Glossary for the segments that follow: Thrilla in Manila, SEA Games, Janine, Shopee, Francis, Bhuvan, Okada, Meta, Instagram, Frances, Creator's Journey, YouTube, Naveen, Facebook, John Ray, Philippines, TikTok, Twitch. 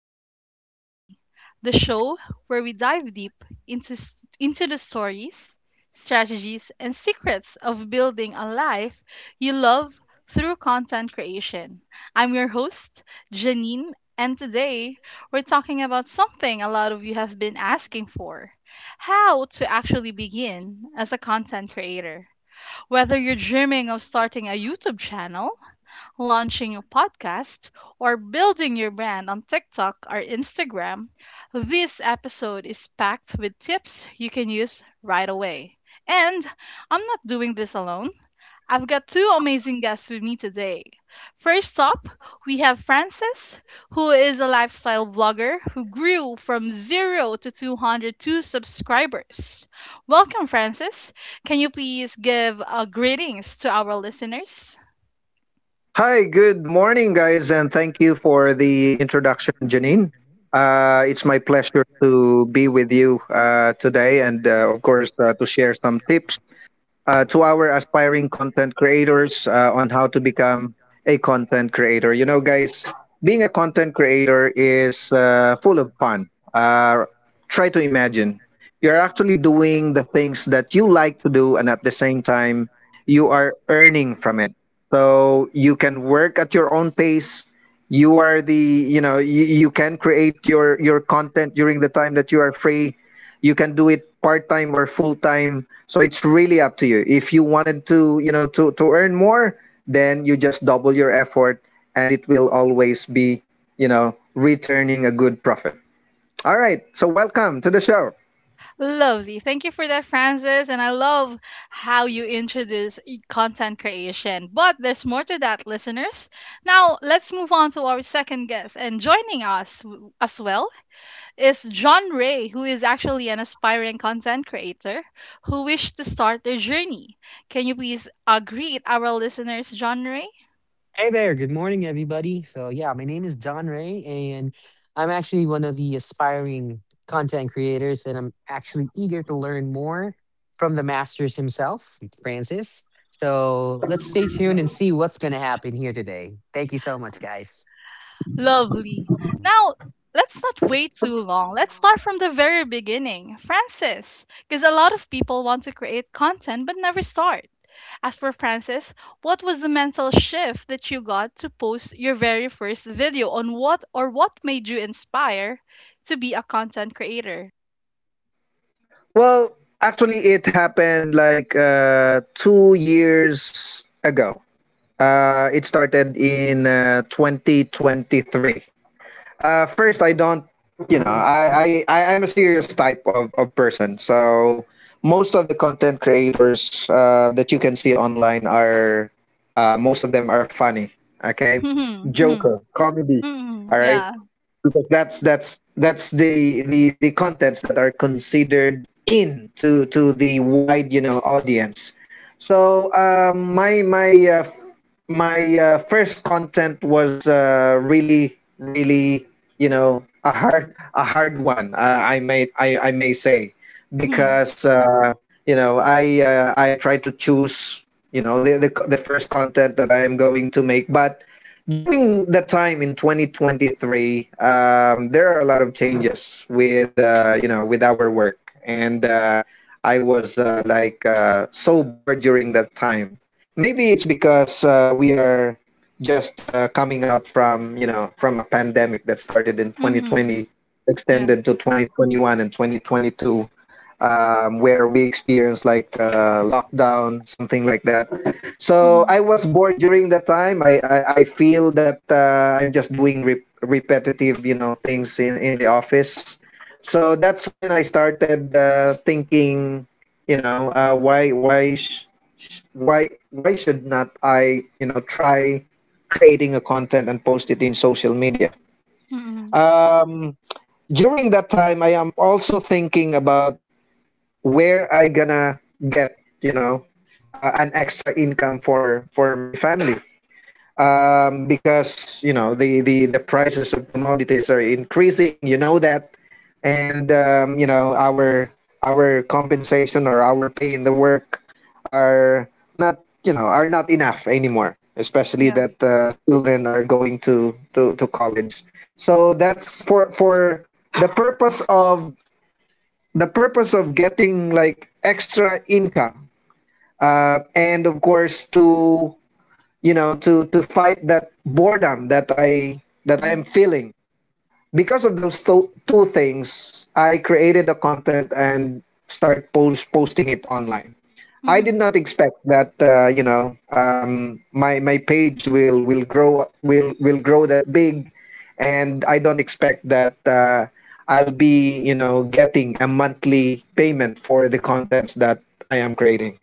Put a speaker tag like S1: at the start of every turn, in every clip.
S1: Creator's Journey, the show where we dive deep into the stories, strategies, and secrets of building a life you love through content creation. I'm your host, Janine, and today we're talking about something a lot of you have been asking for: how to actually begin as a content creator. Whether you're dreaming of starting a YouTube channel, launching a podcast, or building your brand on TikTok or Instagram, this episode is packed with tips you can use right away. And I'm not doing this alone. I've got two amazing guests with me today. First up, we have Frances, who is a lifestyle blogger who grew from zero to 202 subscribers. Welcome, Frances. Can you please give greetings to our listeners?
S2: Hi, good morning, guys, and thank you for the introduction, Janine. It's my pleasure to be with you today and, of course, to share some tips to our aspiring content creators on how to become a content creator. You know, guys, being a content creator is full of fun. Try to imagine you're actually doing the things that you like to do, and at the same time, you are earning from it. So you can work at your own pace. You are the, you know, you can create your content during the time that you are free. You can do it part time or full time. So it's really up to you. If you wanted to, to earn more, then you just double your effort, and it will always be, you know, returning a good profit. All right. So welcome to the show.
S1: Lovely. Thank you for that, Francis. And I love how you introduce content creation. But there's more to that, listeners. Now, let's move on to our second guest. And joining us as well is John Ray, who is actually an aspiring content creator who wished to start their journey. Can you please greet our listeners, John Ray?
S3: Hey there, good morning.
S1: Lovely. Now, let's not wait too long. Let's start from the very beginning. Francis, because a lot of people want to create content but never start. As for Francis, what was the mental shift that you got to post your very first video, on what, or what made you inspire to be a content creator?
S2: Well, actually, it happened like 2 years ago. It started in 2023. First, I don't, you know, I I'm a serious type of person. So most of the content creators that you can see online are, most of them are funny. Okay.
S1: Mhm, mhm,
S2: Joker, comedy. All
S1: mhm.
S2: right,
S1: Yeah.
S2: because that's the contents that are considered in to the wide, you know, audience. So my first content was really, really, you know, a hard one, I may say,
S1: Mhm,
S2: because you know, I try to choose, you know, the first content that I am going to make. But during that time in 2023, there are a lot of changes with you know, with our work, and I was like so bored during that time. Maybe it's because we are just coming out from, you know, from a pandemic that started in
S1: mhm.
S2: 2020,
S1: Yeah.
S2: extended to 2021 and 2022, where we experienced like lockdown, something like that. So
S1: Mhm,
S2: I was bored during that time. I feel that I'm just doing repetitive, you know, things in the office. So that's when I started thinking, you know, why sh- sh- why should not I, you know, try creating a content and post it in social media.
S1: mhm.
S2: During that time, I am also thinking about where I gonna get, you know, an extra income for my family, because, you know, the, the prices of commodities are increasing, you know that. And you know, our compensation or our pay in the work are not, you know, are not enough anymore, especially
S1: Yeah.
S2: that children are going to to college. So that's for the purpose of the purpose of getting like extra income, and of course to, you know, to fight that boredom that I am
S1: Mhm,
S2: feeling. Because of those two things, I created the content and start posting it online. I did
S1: mhm.
S2: not expect that, my page will will grow that big, and I don't expect that I'll be, you know, getting a monthly payment for the contents that I am creating.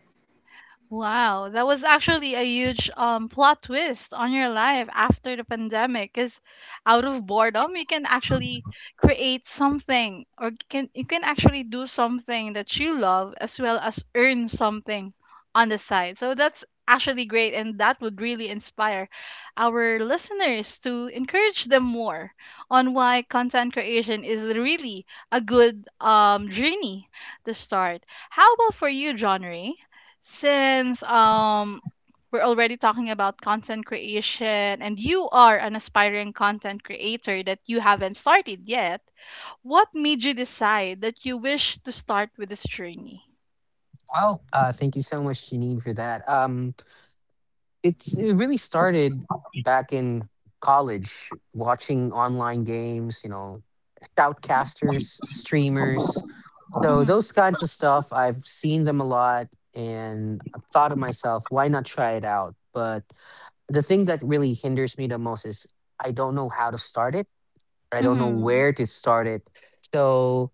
S1: Wow, that was actually a huge plot twist on your life after the pandemic. Because out of boredom, you can actually create something, or can you can actually do something that you love as well as earn something on the side. So that's actually great, and that would really inspire our listeners to encourage them more on why content creation is really a good journey to start. How about for you, John Ray? Since we're already talking about content creation and you are an aspiring content creator that you haven't started yet, what made you decide that you wish to start with this journey? Mhm.
S3: I don't know
S1: Mhm.
S3: where to start it. So,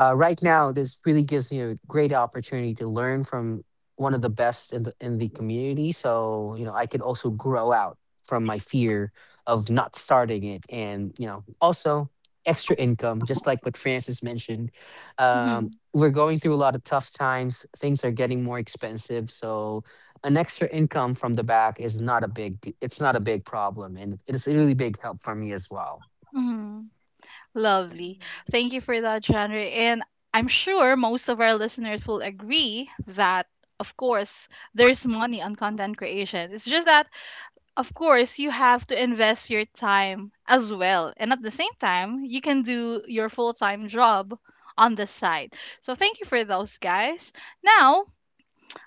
S3: uh, right now this really gives me a great opportunity to learn from one of the best in the community, so you know I could also grow out from my fear of not starting it, and you know also extra income just like what Francis mentioned. um,
S1: Mhm.
S3: we're going through a lot of tough times. Things are getting more expensive, so an extra income from the back is not a it's not a big problem, and it's a really big help for me as well.
S1: Mhm. Lovely. Thank you for that, genre. And I'm sure most of our listeners will agree that of course there's money on content creation. It's just that of course you have to invest your time as well, and at the same time you can do your full-time job on the side. So thank you for those, guys. Now,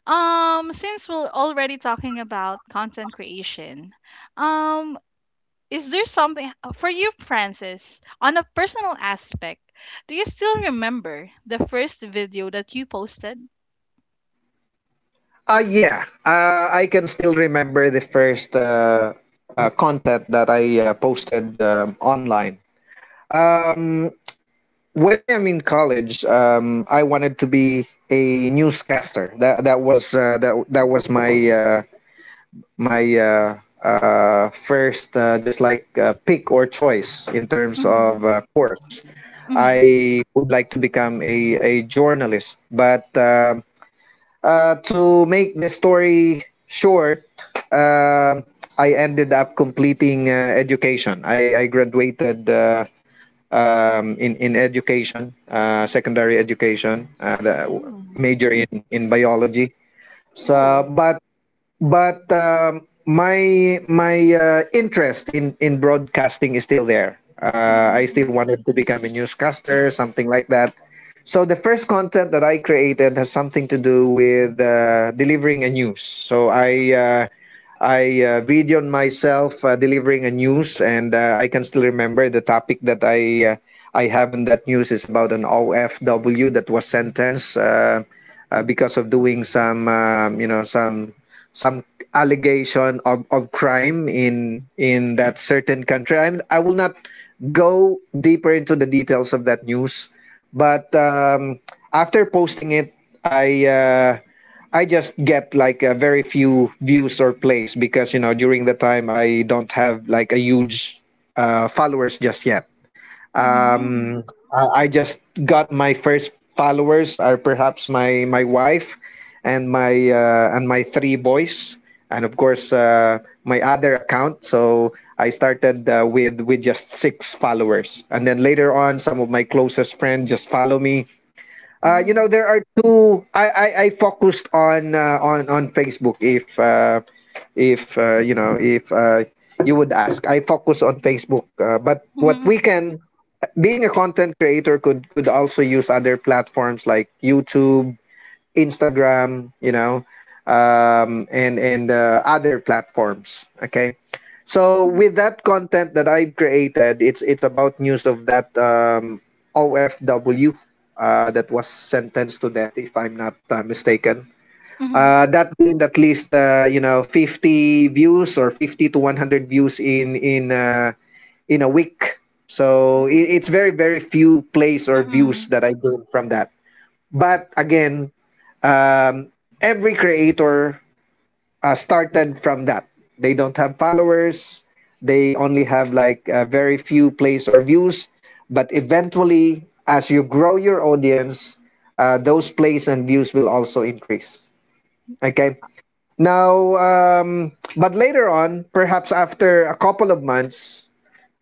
S1: since we're already talking about content creation, um is there something for you, Francis, on a personal aspect? Do you still remember the first video that you posted?
S2: Yeah, I can still remember the first content that I posted online. Um, when I am in college, I wanted to be a newscaster. That was my first, just like pick or choice in terms
S1: Mm-hmm.
S2: of course.
S1: Mm-hmm.
S2: I would like to become a journalist, but to make the story short, um I ended up completing education. I graduated. In education, secondary education, the
S1: Mm-hmm.
S2: major in biology. So,
S1: Ooh.
S2: but my my interest in broadcasting is still there. I
S1: Mm-hmm.
S2: still wanted to become a newscaster, something like that. So the first content that I created has something to do with delivering a news. So I. Uh, I uh, videoed myself delivering a news, and I can still remember the topic that I have in that news is about an OFW that was sentenced because of doing some, you know, some allegation of crime in that certain country. I will not go deeper into the details of that news, but after posting it, I. Uh, I just get like a very few views or plays because, you know, during the time I don't have like a huge followers just yet. Um, I just got my first followers. Are perhaps my my wife and my three boys, and of course my other account. So I started with just six followers, and then later on some of my closest friends just follow me. You know, there are two. I focused on Facebook. If you know, if you would ask, I focus on Facebook. But what we
S1: Mm-hmm.
S2: can, being a content creator, could also use other platforms like YouTube, Instagram, you know, and other platforms. Okay, so
S1: Mhm,
S2: with that content that I've created, it's about news of that OFW that was sentenced to death, if I'm not mistaken.
S1: mhm.
S2: That gained at least, you know, 50 views or 50 to 100 views in in a week. So
S1: Mm.
S2: it's very, very few plays or views
S1: Mm.
S2: that I gained from that. But again, um, every creator started from that. They don't have followers. They only have like very few plays or views. But eventually, as you grow your audience, those plays and views will also increase. Okay. Now, but later on, perhaps after a couple of months,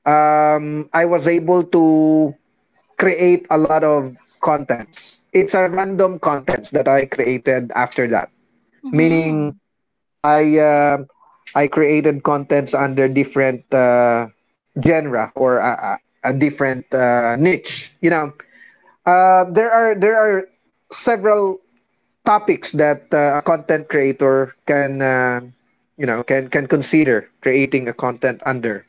S2: I was able to create a lot of contents. It's a random contents that I created after that. Meaning,
S1: Mhm.
S2: I um I created contents under different genre or a different niche. You know, there are several topics that a content creator can, you know, can consider creating a content under.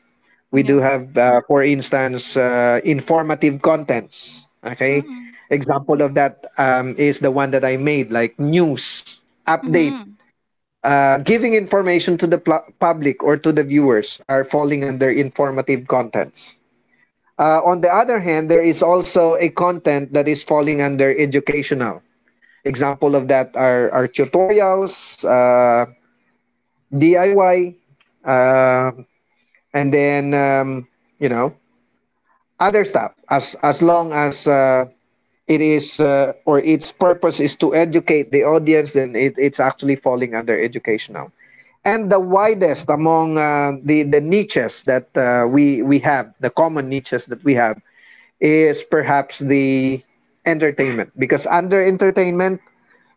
S2: We
S1: Yeah.
S2: do have, for instance, informative contents. Okay,
S1: Mm.
S2: example of that, is the one that I made, like news update
S1: Mhm.
S2: giving information to the public or to the viewers, are falling under informative contents. On the other hand, there is also a content that is falling under educational. Example of that are tutorials, DIY, uh, and then you know, other stuff. As long as it is or its purpose is to educate the audience, then it's actually falling under educational. And the widest among, the niches that we have, the common niches that we have is perhaps the entertainment, because under entertainment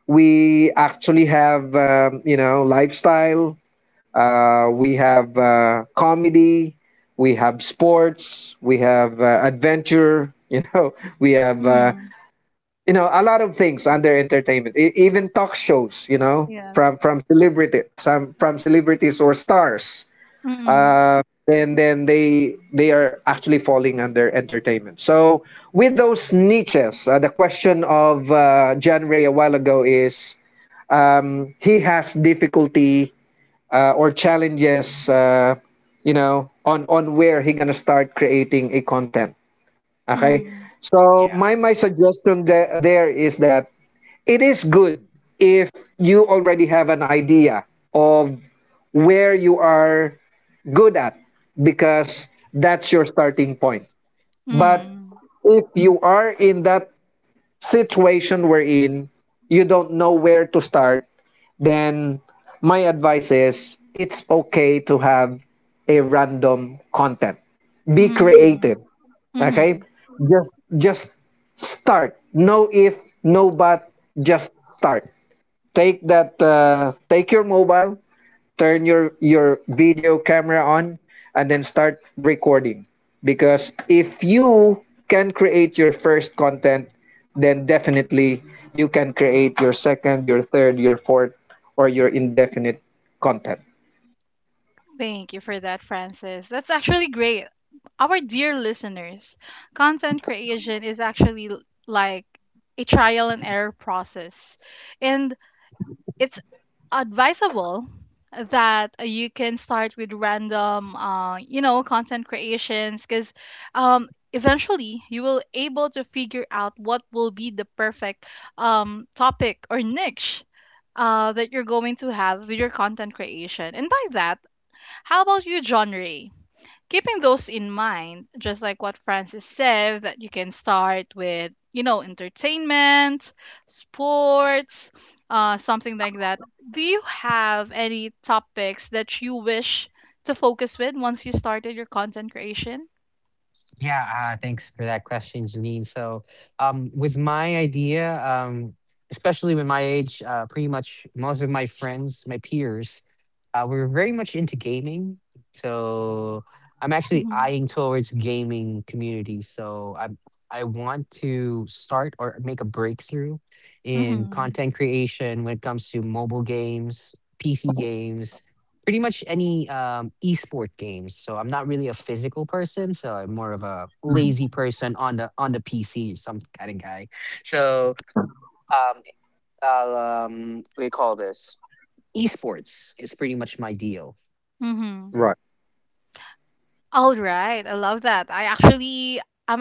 S2: we actually have, you know, lifestyle, we have comedy, we have sports, we have adventure, you know, we have,
S1: Mhm.
S2: you know, a lot of things under entertainment, even talk shows, you know,
S1: Yes.
S2: from celebrity, some from celebrities or stars,
S1: Mm.
S2: and then they are actually falling under entertainment. So with those niches, the question of John Ray a while ago is, he has difficulty or challenges, you know, on where he gonna start creating a content. Okay,
S1: Mm.
S2: so my suggestion there is that it is good if you already have an idea of where you are good at, because that's your starting point. But
S1: Mm.
S2: if you are in that situation we're in, you don't know where to start, then my advice is it's okay to have a random content. Be creative,
S1: Mhm.
S2: okay?
S1: Mhm.
S2: Just just start. No if, no but, just start. Take that, take your mobile, turn your video camera on, and then start recording. Because if you can create your first content, then definitely you can create your second, your third, your fourth, or your indefinite content.
S1: Thank you for that, Francis. That's actually great. Our dear listeners, content creation is actually like a trial and error process. And it's advisable that you can start with random content creations, because eventually you will able to figure out what will be the perfect topic or niche that you're going to have with your content creation. And by that, how about you, genre? Keeping those in mind, just like what Francis said, that you can start with, entertainment, sports, something like that. Do you have any topics that you wish to focus with once you started your content creation?
S3: Yeah, thanks for that question, Janine. So, with my idea, especially with my age, pretty much most of my friends, my peers, we're very much into gaming, so I'm actually
S1: Mm-hmm.
S3: eyeing towards gaming communities. I want to start or make a breakthrough in
S1: Mm-hmm.
S3: content creation when it comes to mobile games, PC games, pretty much any esport games. So I'm not really a physical person, so I'm more of a lazy person on the PC, some kind of guy. So um, we call this esports. It's pretty much my deal.
S1: Mm-hmm.
S2: Right.
S1: All right, I love that. I'm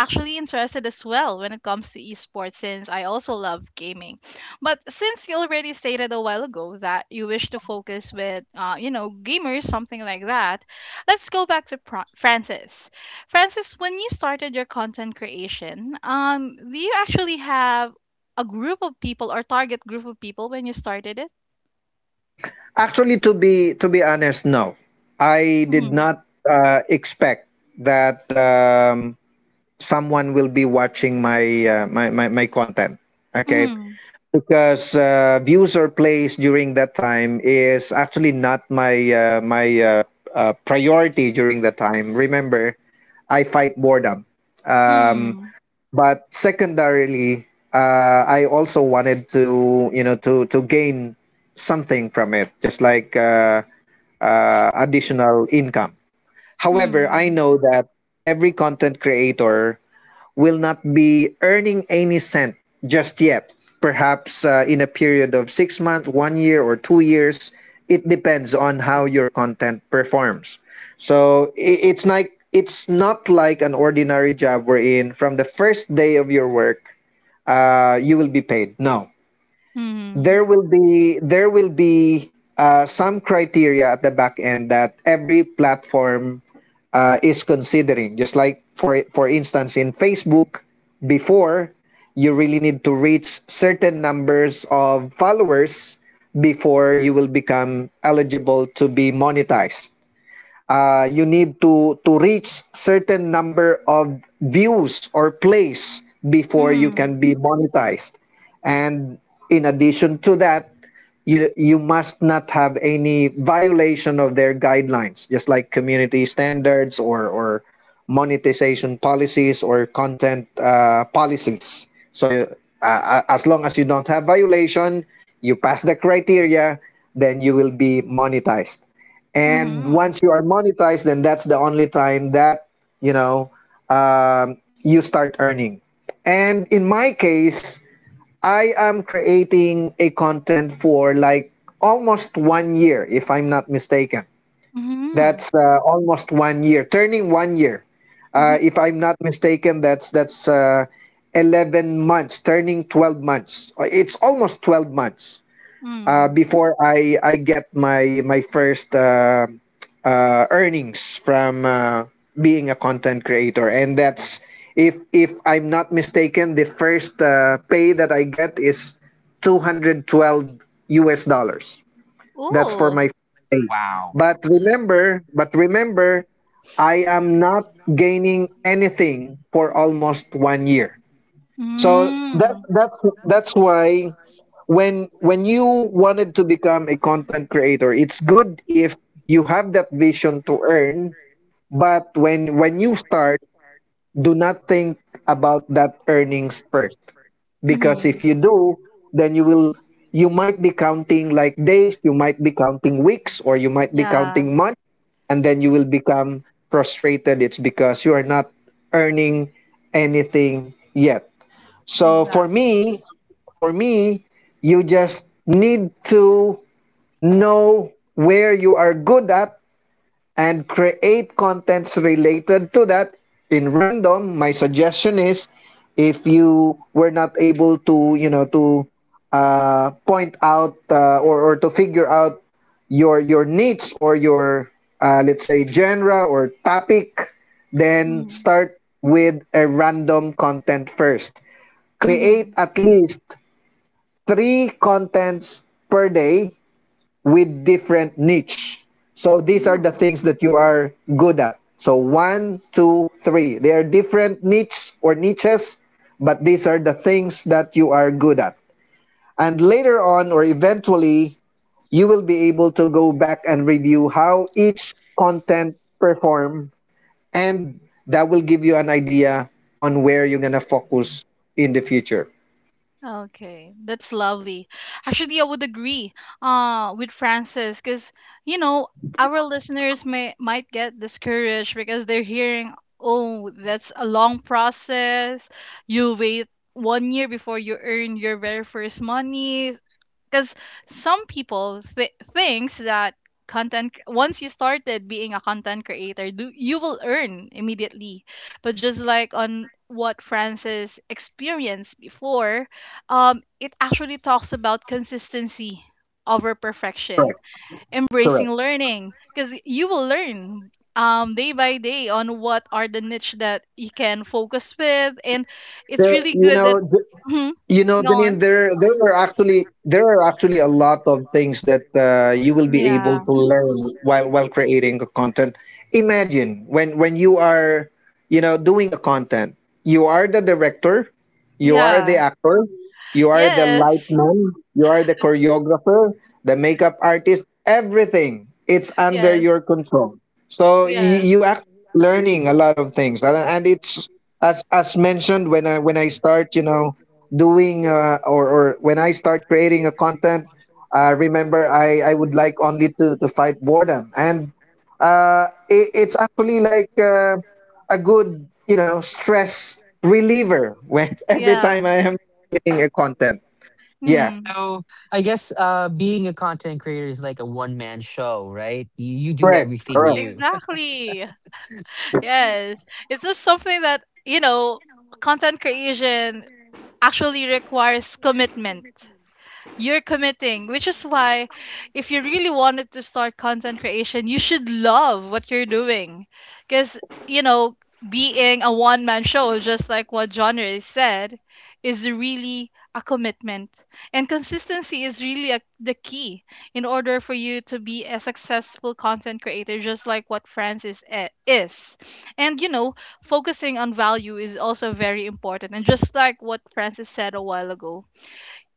S1: actually interested as well when it comes to esports, since I also love gaming. But since you already stated a while ago that you wish to focus with, gamers, something like that, let's go back to Francis. Francis, when you started your content creation, do you actually have a group of people or target group of people when you started it?
S2: Actually, to be honest, no, I did
S1: Mm-hmm.
S2: not expect that, someone will be watching my my content. Okay,
S1: Mm-hmm.
S2: because views or plays during that time is actually not my priority during that time. Remember, I fight boredom. um,
S1: Mm-hmm.
S2: but secondarily, I also wanted to, you know, to gain something from it, just like additional income. However, I know that every content creator will not be earning any cent just yet. Perhaps in a period of 6 months, 1 year, or 2 years. It depends on how your content performs. So it's not like an ordinary job wherein from the first day of your work, you will be paid. No, there
S1: Mm-hmm.
S2: will be there will be some criteria at the back end that every platform is considering. Just like for instance, in Facebook, before, you really need to reach certain numbers of followers before you will become eligible to be monetized. You need to reach certain number of views or plays before you can
S1: Mm-hmm.
S2: be monetized, and in addition to that, you must not have any violation of their guidelines, just like community standards or monetization policies, or content policies. So as long as you don't have violation, you pass the criteria, then you will be monetized. And once
S1: Mm-hmm.
S2: you are monetized, then that's the only time that you know you start earning. And in my case, I am creating a content for like almost 1 year, if I'm not mistaken. That's
S1: Mm-hmm.
S2: almost 1 year, turning 1 year, if I'm not mistaken. That's 11 months, turning 12 months. It's almost 12 months
S1: Mm-hmm.
S2: before I get my first earnings from being a content creator. And that's, if I'm not mistaken, the first pay that I get is $212. That's for
S1: Oh.
S2: my But remember, I am not gaining anything for almost 1 year. so that
S1: Mm.
S2: that's that's why, when you wanted to become a content creator, it's good if you have that vision to earn. But when you start, do not think about that earnings first. Because if
S1: Mhm.
S2: you do, then you will, you might be counting like days, you might be counting weeks, or you might be
S1: Yeah,
S2: counting months, and then you will become frustrated. It's because you are not earning anything yet. So
S1: exactly.
S2: for me, you just need to know where you are good at, and create contents related to that. In random, my suggestion is, if you were not able to point out or to figure out your niche, or your let's say genre or topic, then
S1: Mm.
S2: start with a random content first. Create
S1: Mhm.
S2: at least three contents per day with different niche. So these are the
S1: Mm.
S2: things that you are good at. So one, two, three. They are different niche or niches, but these are the things that you are good at. And later on, or eventually, you will be able to go back and review how each content perform, and that will give you an idea on where you're going to focus in the future.
S1: Okay, that's lovely. Actually, I would agree with Francis, because you know, our listeners may might get discouraged because they're hearing, oh, that's a long process. You wait one year before you earn your very first money. Because some people thinks that content, once you started being a content creator do, you will earn immediately. But just like on what Francis experienced before, it actually talks about consistency over perfection,
S2: Correct.
S1: embracing
S2: Correct.
S1: learning, because you will learn day by day on what are the niche that you can focus with. And it's
S2: There,
S1: really good that. Mhm.
S2: you know,
S1: Go on.
S2: Janine, there are actually a lot of things that you will be able
S1: Yeah,
S2: to learn while creating a content. Imagine when you are, you know, doing a content, you are the director, you are the
S1: yeah.
S2: actor, you are the
S1: Yes,
S2: lightman, you are the choreographer, the makeup artist, everything. It's under
S1: yes,
S2: your control. So you,
S1: yes,
S2: you act learning a lot of things, and it's as mentioned, when I start, doing, or when I start creating a content, remember, I would like only to fight boredom. And it's actually like a good, stress reliever when every time
S1: yeah.
S2: I am creating a content. Yeah,
S1: Hmm.
S3: So I guess being a content creator is like a one man show, right? You do
S2: correct,
S3: everything
S2: correct,
S3: you.
S1: Exactly. Yes. It's just something that, you know, content creation actually requires commitment. You're committing, which is why if you really wanted to start content creation, you should love what you're doing. Because, you know, being a one man show, just like what genre is said, is really a commitment. And consistency is really a, the key in order for you to be a successful content creator, just like what Francis is. And, you know, focusing on value is also very important. And just like what Francis said a while ago,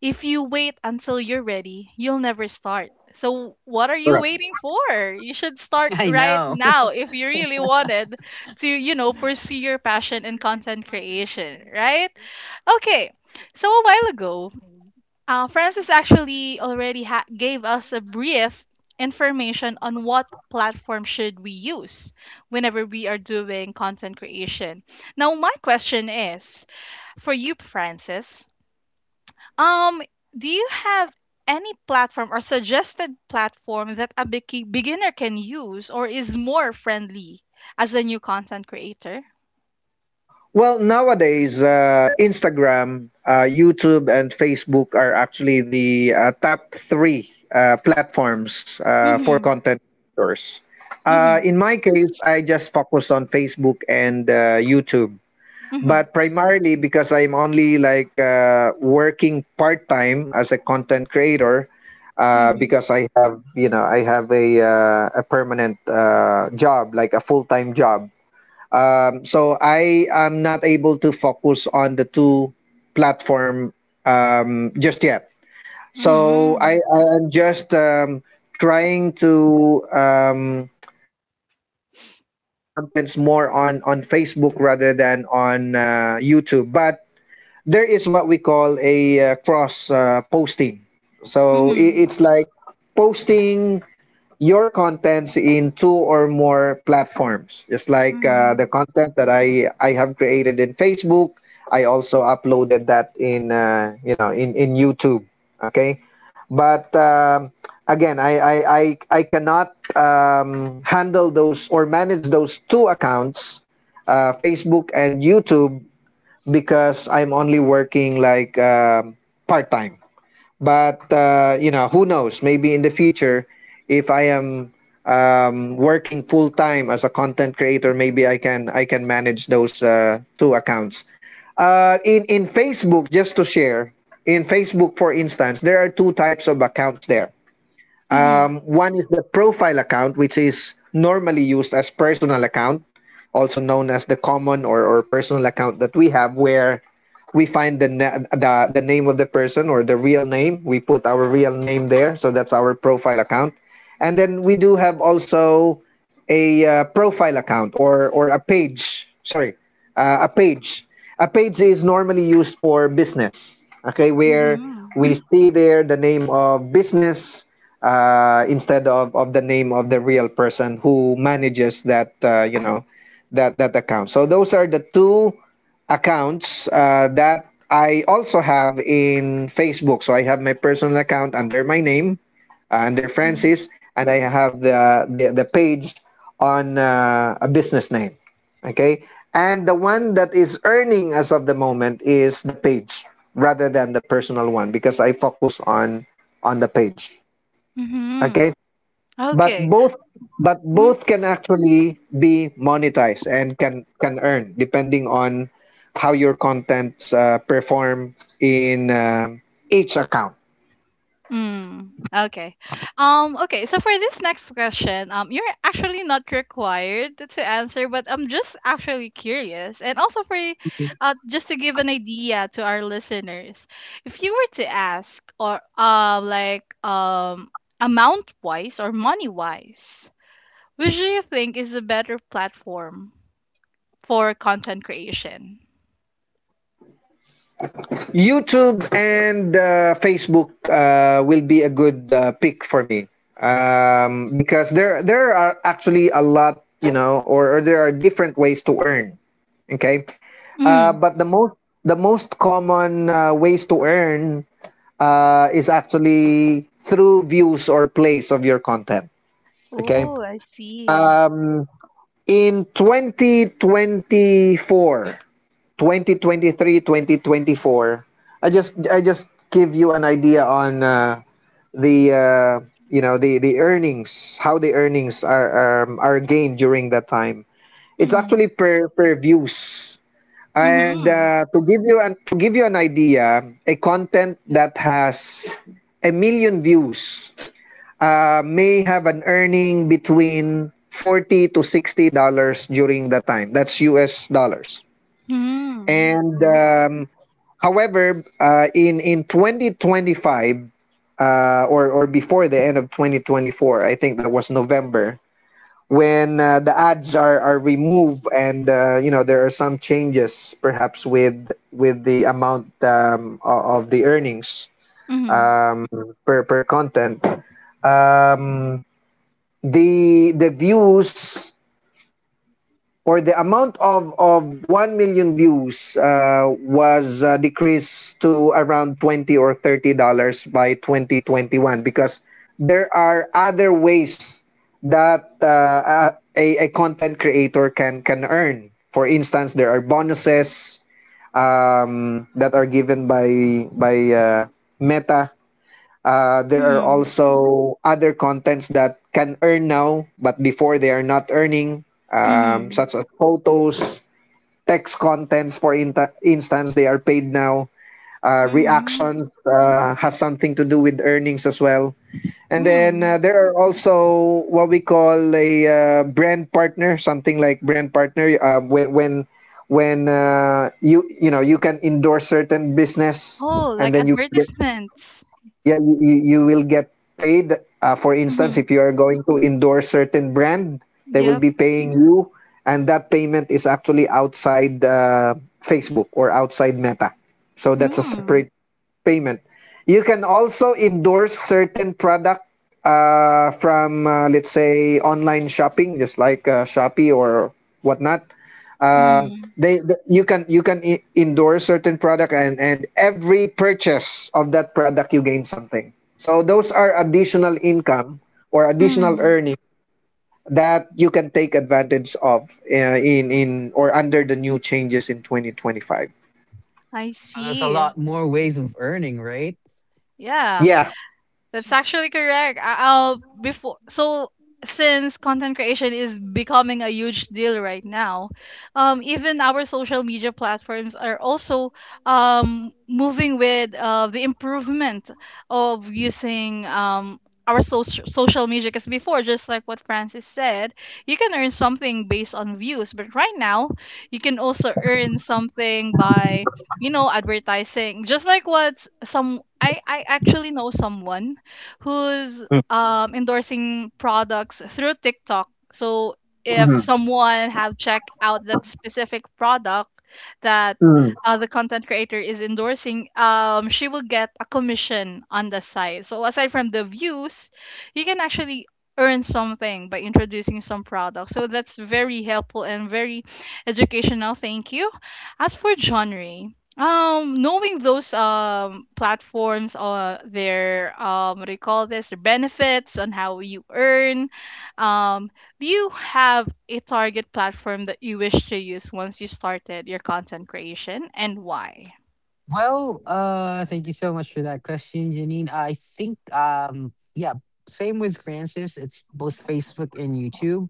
S1: if you wait until you're ready, you'll never start. So what are you
S2: correct.
S1: waiting for? You should start
S3: I
S1: right
S3: know.
S1: now if you really wanted to, you know, pursue your passion in content creation, right? Okay. So a while ago, Francis actually already gave us a brief information on what platform should we use whenever we are doing content creation. Now my question is, for you, Francis, um, do you have any platform or suggested platform that a beginner can use or is more friendly as a new content creator?
S2: Well, nowadays, Instagram, YouTube, and Facebook are actually the top three platforms for
S1: Mhm.
S2: content creators.
S1: Mhm.
S2: In my case, I just focus on Facebook and YouTube,
S1: Mhm.
S2: but primarily because I'm only like working part time as a content creator.
S1: Mhm.
S2: Because I have a a permanent job, like a full time job. So I am not able to focus on the two platform just yet. So I,
S1: Mhm.
S2: I am just trying to um, to create contents more on Facebook rather than on YouTube. But there is what we call a cross posting. So I
S1: Mhm.
S2: it's like posting your contents in two or more platforms, just like the
S1: Mhm.
S2: content that I have created in Facebook, I also uploaded that in you know in YouTube. Okay. But again, I cannot handle those or manage those two accounts, Facebook and YouTube, because I'm only working like part-time. But who knows, maybe in the future, if I am working full time as a content creator, maybe I can manage those two accounts, in Facebook, just to share. In Facebook, for instance, there are two types of accounts there.
S1: Mhm.
S2: One is the profile account, which is normally used as personal account, also known as the common, or personal account that we have, where we find the name of the person, or the real name. We put our real name there, so that's our profile account. And then we do have also a profile account, or a page. Sorry, a page. A page is normally used for business. Okay, where
S1: Mhm.
S2: we see there the name of business instead of the name of the real person who manages that you know that that account. So those are the two accounts that I also have in Facebook. So I have my personal account under my name, and their
S1: Mhm.
S2: Francis, and I have the page on a business name. Okay, and the one that is earning as of the moment is the page, rather than the personal one, because I focus on the page.
S1: Mhm.
S2: Okay, but
S1: Okay.
S2: both, but both can actually be monetized, and can earn, depending on how your contents perform in each account.
S1: Mm, okay. Okay, so for this next question, you're actually not required to answer, but I'm just actually curious. And also for just to give an idea to our listeners, if you were to ask or like amount wise or money wise, which do you think is the better platform for content creation?
S2: YouTube and Facebook will be a good pick for me, because there are actually a lot, or there are different ways to earn. Okay.
S1: Mm.
S2: But the most common ways to earn is actually through views or plays of your content. Okay.
S1: Oh, I see.
S2: In 2024, 2023, 2024, I just give you an idea on the you know the earnings, how the earnings are gained during that time. It's
S1: Mm-hmm.
S2: actually per views. And
S1: Mm-hmm.
S2: to give you an idea, a content that has a million views may have an earning between $40 to $60 during that time. That's us dollars.
S1: Mm-hmm.
S2: And however, in 2025, or before the end of 2024. I think that was November, when the ads are removed, and there are some changes, perhaps with the amount, of the earnings
S1: Okay.
S2: per content. um, the views, or the amount of 1 million views, was decreased to around $20 or $30 by 2021, because there are other ways that a content creator can earn. For instance, there are bonuses, that are given by Meta. There are
S1: Mhm.
S2: also other contents that can earn now, but before, they are not earning,
S1: Mhm.
S2: such as photos, text contents, for inta instance, they are paid now.
S1: Mhm.
S2: Reactions has something to do with earnings as well. And then
S1: Mm.
S2: there are also what we call a brand partner, something like brand partner. When you know, you can endorse certain business,
S1: Oh,
S2: and
S1: like
S2: then you get.
S1: advertisements.
S2: Yeah, you will get paid. For instance,
S1: Mhm.
S2: if you are going to endorse certain brand, they will
S1: Yep.
S2: be paying you, and that payment is actually outside Facebook, or outside Meta. So that's a
S1: Mm.
S2: separate payment. You can also endorse certain product from, let's say, online shopping, just like Shopee or whatnot.
S1: Mm.
S2: They, th- you can e- endorse certain product, and every purchase of that product, you gain something. So those are additional income, or additional
S1: Mm.
S2: earning, that you can take advantage of in or under the new changes in 2025.
S1: I
S3: So there's a
S1: see.
S3: lot more ways of earning, right?
S1: Yeah.
S2: Yeah.
S1: That's actually correct. I'll before so, since content creation is becoming a huge deal right now, even our social media platforms are also moving with the improvement of using our social media. Because before, just like what Francis said, you can earn something based on views, but right now you can also earn something by advertising. Just like what I actually know someone who's
S2: Mm.
S1: endorsing products through TikTok. So if
S2: Mhm.
S1: someone have checked out that specific product that
S2: Mm.
S1: the content creator is endorsing, she will get a commission on the side. So aside from the views, you can actually earn something by introducing some products. So that's very helpful and very educational. Thank you. As for genre, knowing those platforms, their what do you call this? Their benefits on how you earn. Um, do you have a target platform that you wish to use once you started your content creation, and why?
S3: Well, thank you so much for that question, Janine. I think, yeah, same with Francis. It's both Facebook and YouTube,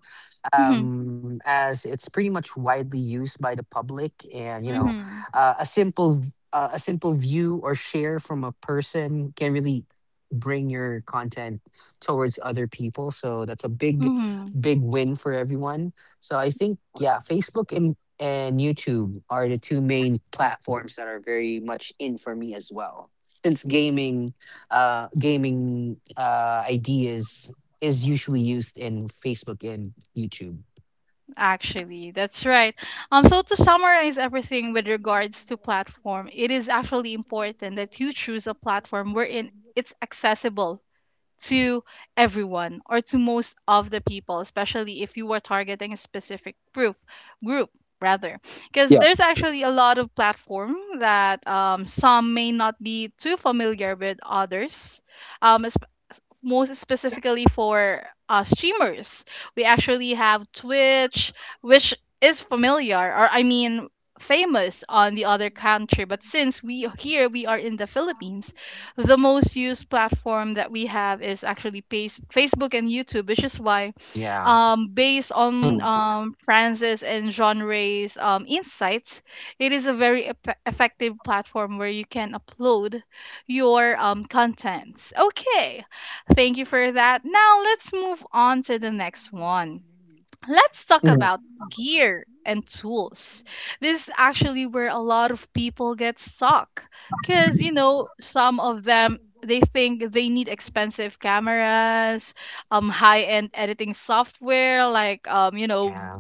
S1: Mm-hmm.
S3: as it's pretty much widely used by the public, and you know,
S1: Mm-hmm.
S3: a simple view or share from a person can really bring your content towards other people. So that's a big,
S1: Mm-hmm.
S3: big win for everyone. So I think, yeah, Facebook and YouTube are the two main platforms that are very much in for me as well. Since gaming, ideas is usually used in Facebook and YouTube.
S1: Actually, that's right. So to summarize everything with regards to platform, it is actually important that you choose a platform wherein it's accessible to everyone or to most of the people, especially if you are targeting a specific group rather, because
S2: Yeah.
S1: there's actually a lot of platform that some may not be too familiar with others, um, es- most specifically for streamers. We actually have Twitch, which is familiar, or I mean famous on the other country. But since we here we are in the Philippines, the most used platform that we have is actually Facebook and YouTube, which is why,
S3: Yeah,
S1: based on
S2: Mhm.
S1: Francis and Jean Ray's insights, it is a very effective platform where you can upload your contents. Okay, thank you for that. Now let's move on to the next one. Let's talk about gear and tools. This is actually where a lot of people get stuck because, you know, some of them they think they need expensive cameras, high end editing software like,
S3: yeah.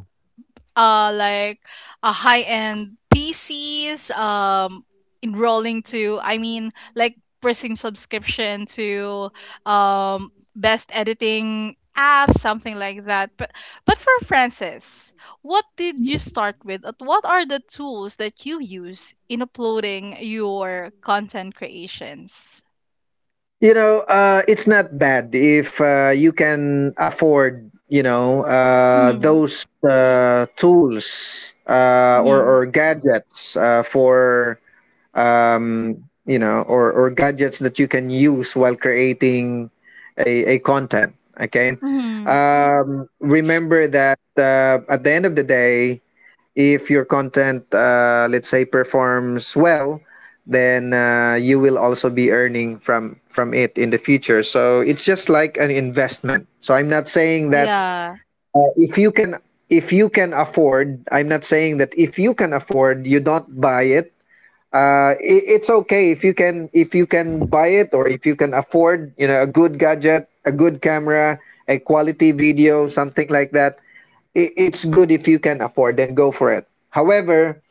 S1: like a high end PCs, enrolling to, I mean like pressing subscription to best editing apps, something like that. But for Francis, what did you start with? What are the tools that you use in uploading your content creations?
S2: It's not bad if you can afford,
S1: Mm-hmm.
S2: those tools, uh, or,
S1: Mm-hmm.
S2: or gadgets for, or gadgets that you can use while creating a content. Okay.
S1: Mm-hmm.
S2: Remember that at the end of the day, if your content, let's say, performs well, then you will also be earning from it in the future, so it's just like an investment. So I'm not saying that
S1: Yeah.
S2: uh, if you can if you can afford — I'm not saying that if you can afford, you don't buy it. It's okay if you can, buy it, or if you can afford, you know, a good gadget, a good camera, a quality video, something like that. It's good. If you can afford, then go for it. However,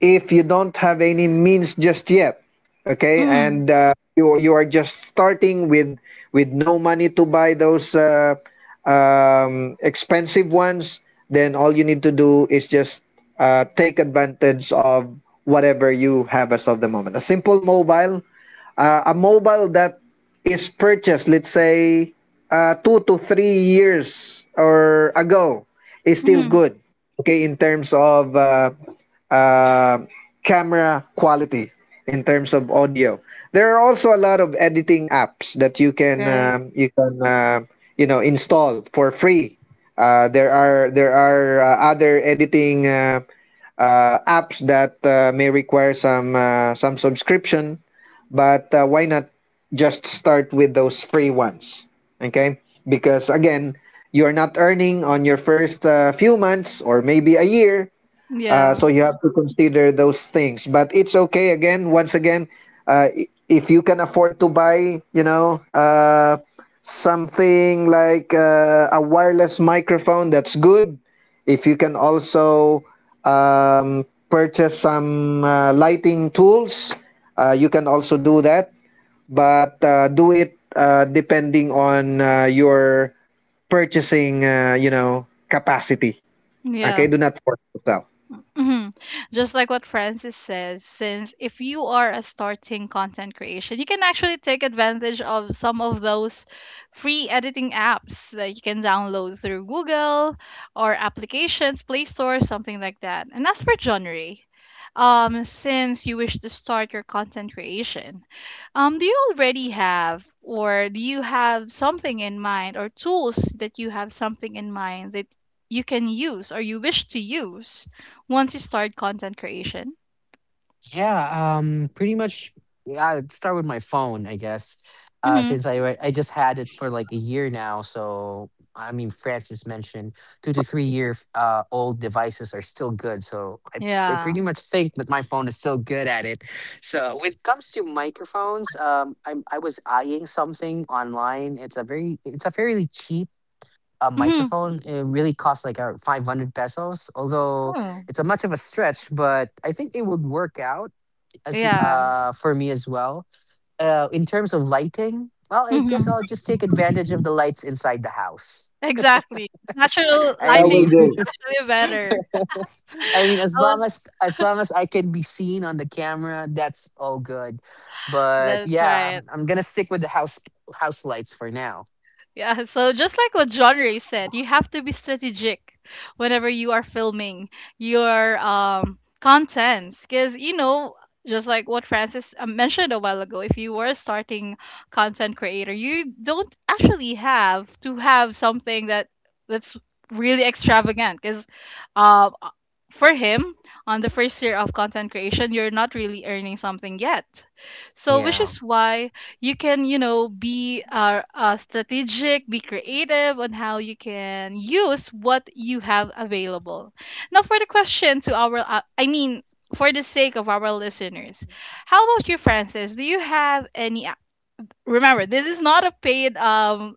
S2: if you don't have any means just yet, okay,
S1: Mm-hmm.
S2: and you are just starting with no money to buy those expensive ones, then all you need to do is just take advantage of whatever you have as of the moment. A simple mobile, a mobile that is purchased, let's say, 2 to 3 years or ago, is still
S1: Mm-hmm.
S2: good. Okay, in terms of uh, camera quality, in terms of audio. There are also a lot of editing apps that you can
S1: Right.
S2: install for free. There are other editing apps that may require some subscription, but why not just start with those free ones? Okay, because again, you're not earning on your first few months, or maybe a year,
S1: Yeah.
S2: so you have to consider those things. But it's okay. Again, once again, if you can afford to buy, you know, something like a wireless microphone, that's good. If you can also purchase some lighting tools, you can also do that. But do it depending on your purchasing, you know, capacity. Okay,
S1: Yeah.
S2: do not force yourself.
S1: hmm Just like what Francis says, since if you are a starting content creation, you can actually take advantage of some of those free editing apps that you can download through Google or applications, Play Store, something like that. And as for genre, since you wish to start your content creation, do you already have or do you have something in mind or tools that you have something in mind that you can use or you wish to use? Once you start content creation?
S3: Yeah, pretty much. Yeah, I'd start with my phone, I guess.
S1: Mhm.
S3: Since I just had it for like a year now, so I mean, Francis mentioned 2 to 3 year old devices are still good. So I,
S1: Yeah.
S3: pretty much think that my phone is still good at it. So when it comes to microphones, I was eyeing something online. It's a fairly cheap
S1: Mhm.
S3: microphone. It really costs like 500 pesos, although
S1: Oh.
S3: it's a much of a stretch, but I think it would work out as
S1: Yeah.
S3: for me as well. In terms of lighting, well, I guess
S1: Mhm.
S3: I'll just take advantage of the lights inside the house.
S1: Exactly. Natural
S3: I
S1: lighting
S3: mean,
S1: is really better.
S3: I mean,
S1: Oh,
S3: as long as I can be seen on the camera, that's all good. But
S1: that's
S3: yeah,
S1: right.
S3: I'm gonna stick with the house lights for now.
S1: Yeah, so just like what John Ray said, you have to be strategic whenever you are filming your contents, because you know, just like what Francis mentioned a while ago, if you were a starting content creator, you don't actually have to have something that that's really extravagant because, uh, uh, for him, on the first year of content creation, you're not really earning something yet. So which
S3: Yeah.
S1: is why you can, you know, be strategic, be creative on how you can use what you have available now. For the question to our, I mean for the sake of our listeners, how about you, Francis? Do you have any, remember this is not a paid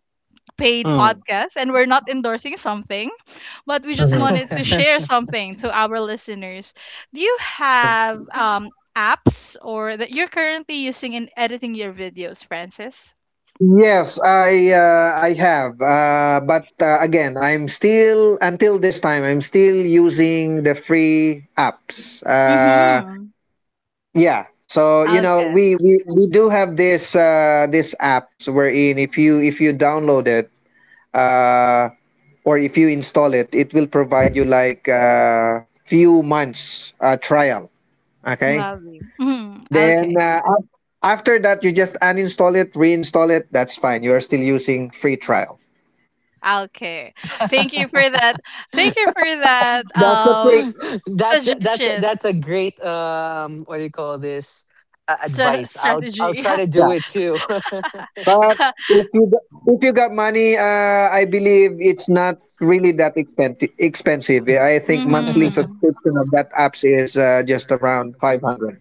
S1: paid
S2: Mm.
S1: podcast and we're not endorsing something, but we just wanted to share something to our listeners. Do you have apps or that you're currently using in editing your videos, Francis?
S2: Yes, I have, but again, I'm still, until this time, I'm still using the free apps.
S1: Mm-hmm.
S2: Yeah, so you know,
S1: Okay.
S2: we do have this apps, wherein if you download it, uh, or if you install it, it will provide you like few months trial. Okay,
S1: Lovely. Hmm.
S2: then
S1: Okay.
S2: after that you just uninstall it, reinstall it. That's fine. You are still using free trial.
S1: Okay. Thank you for that. Thank you for that,
S2: That's the trick.
S3: that's that's
S1: suggestion,
S3: that's a great what do you call this,
S1: stra-
S3: advice. I'll
S1: strategy.
S3: try to do
S2: Yeah.
S3: it too.
S2: But if you got, if you got money, I believe it's not really that expensive. Expensive. Yeah, I think monthly
S1: Mm-hmm.
S2: subscription of that apps is just around 500.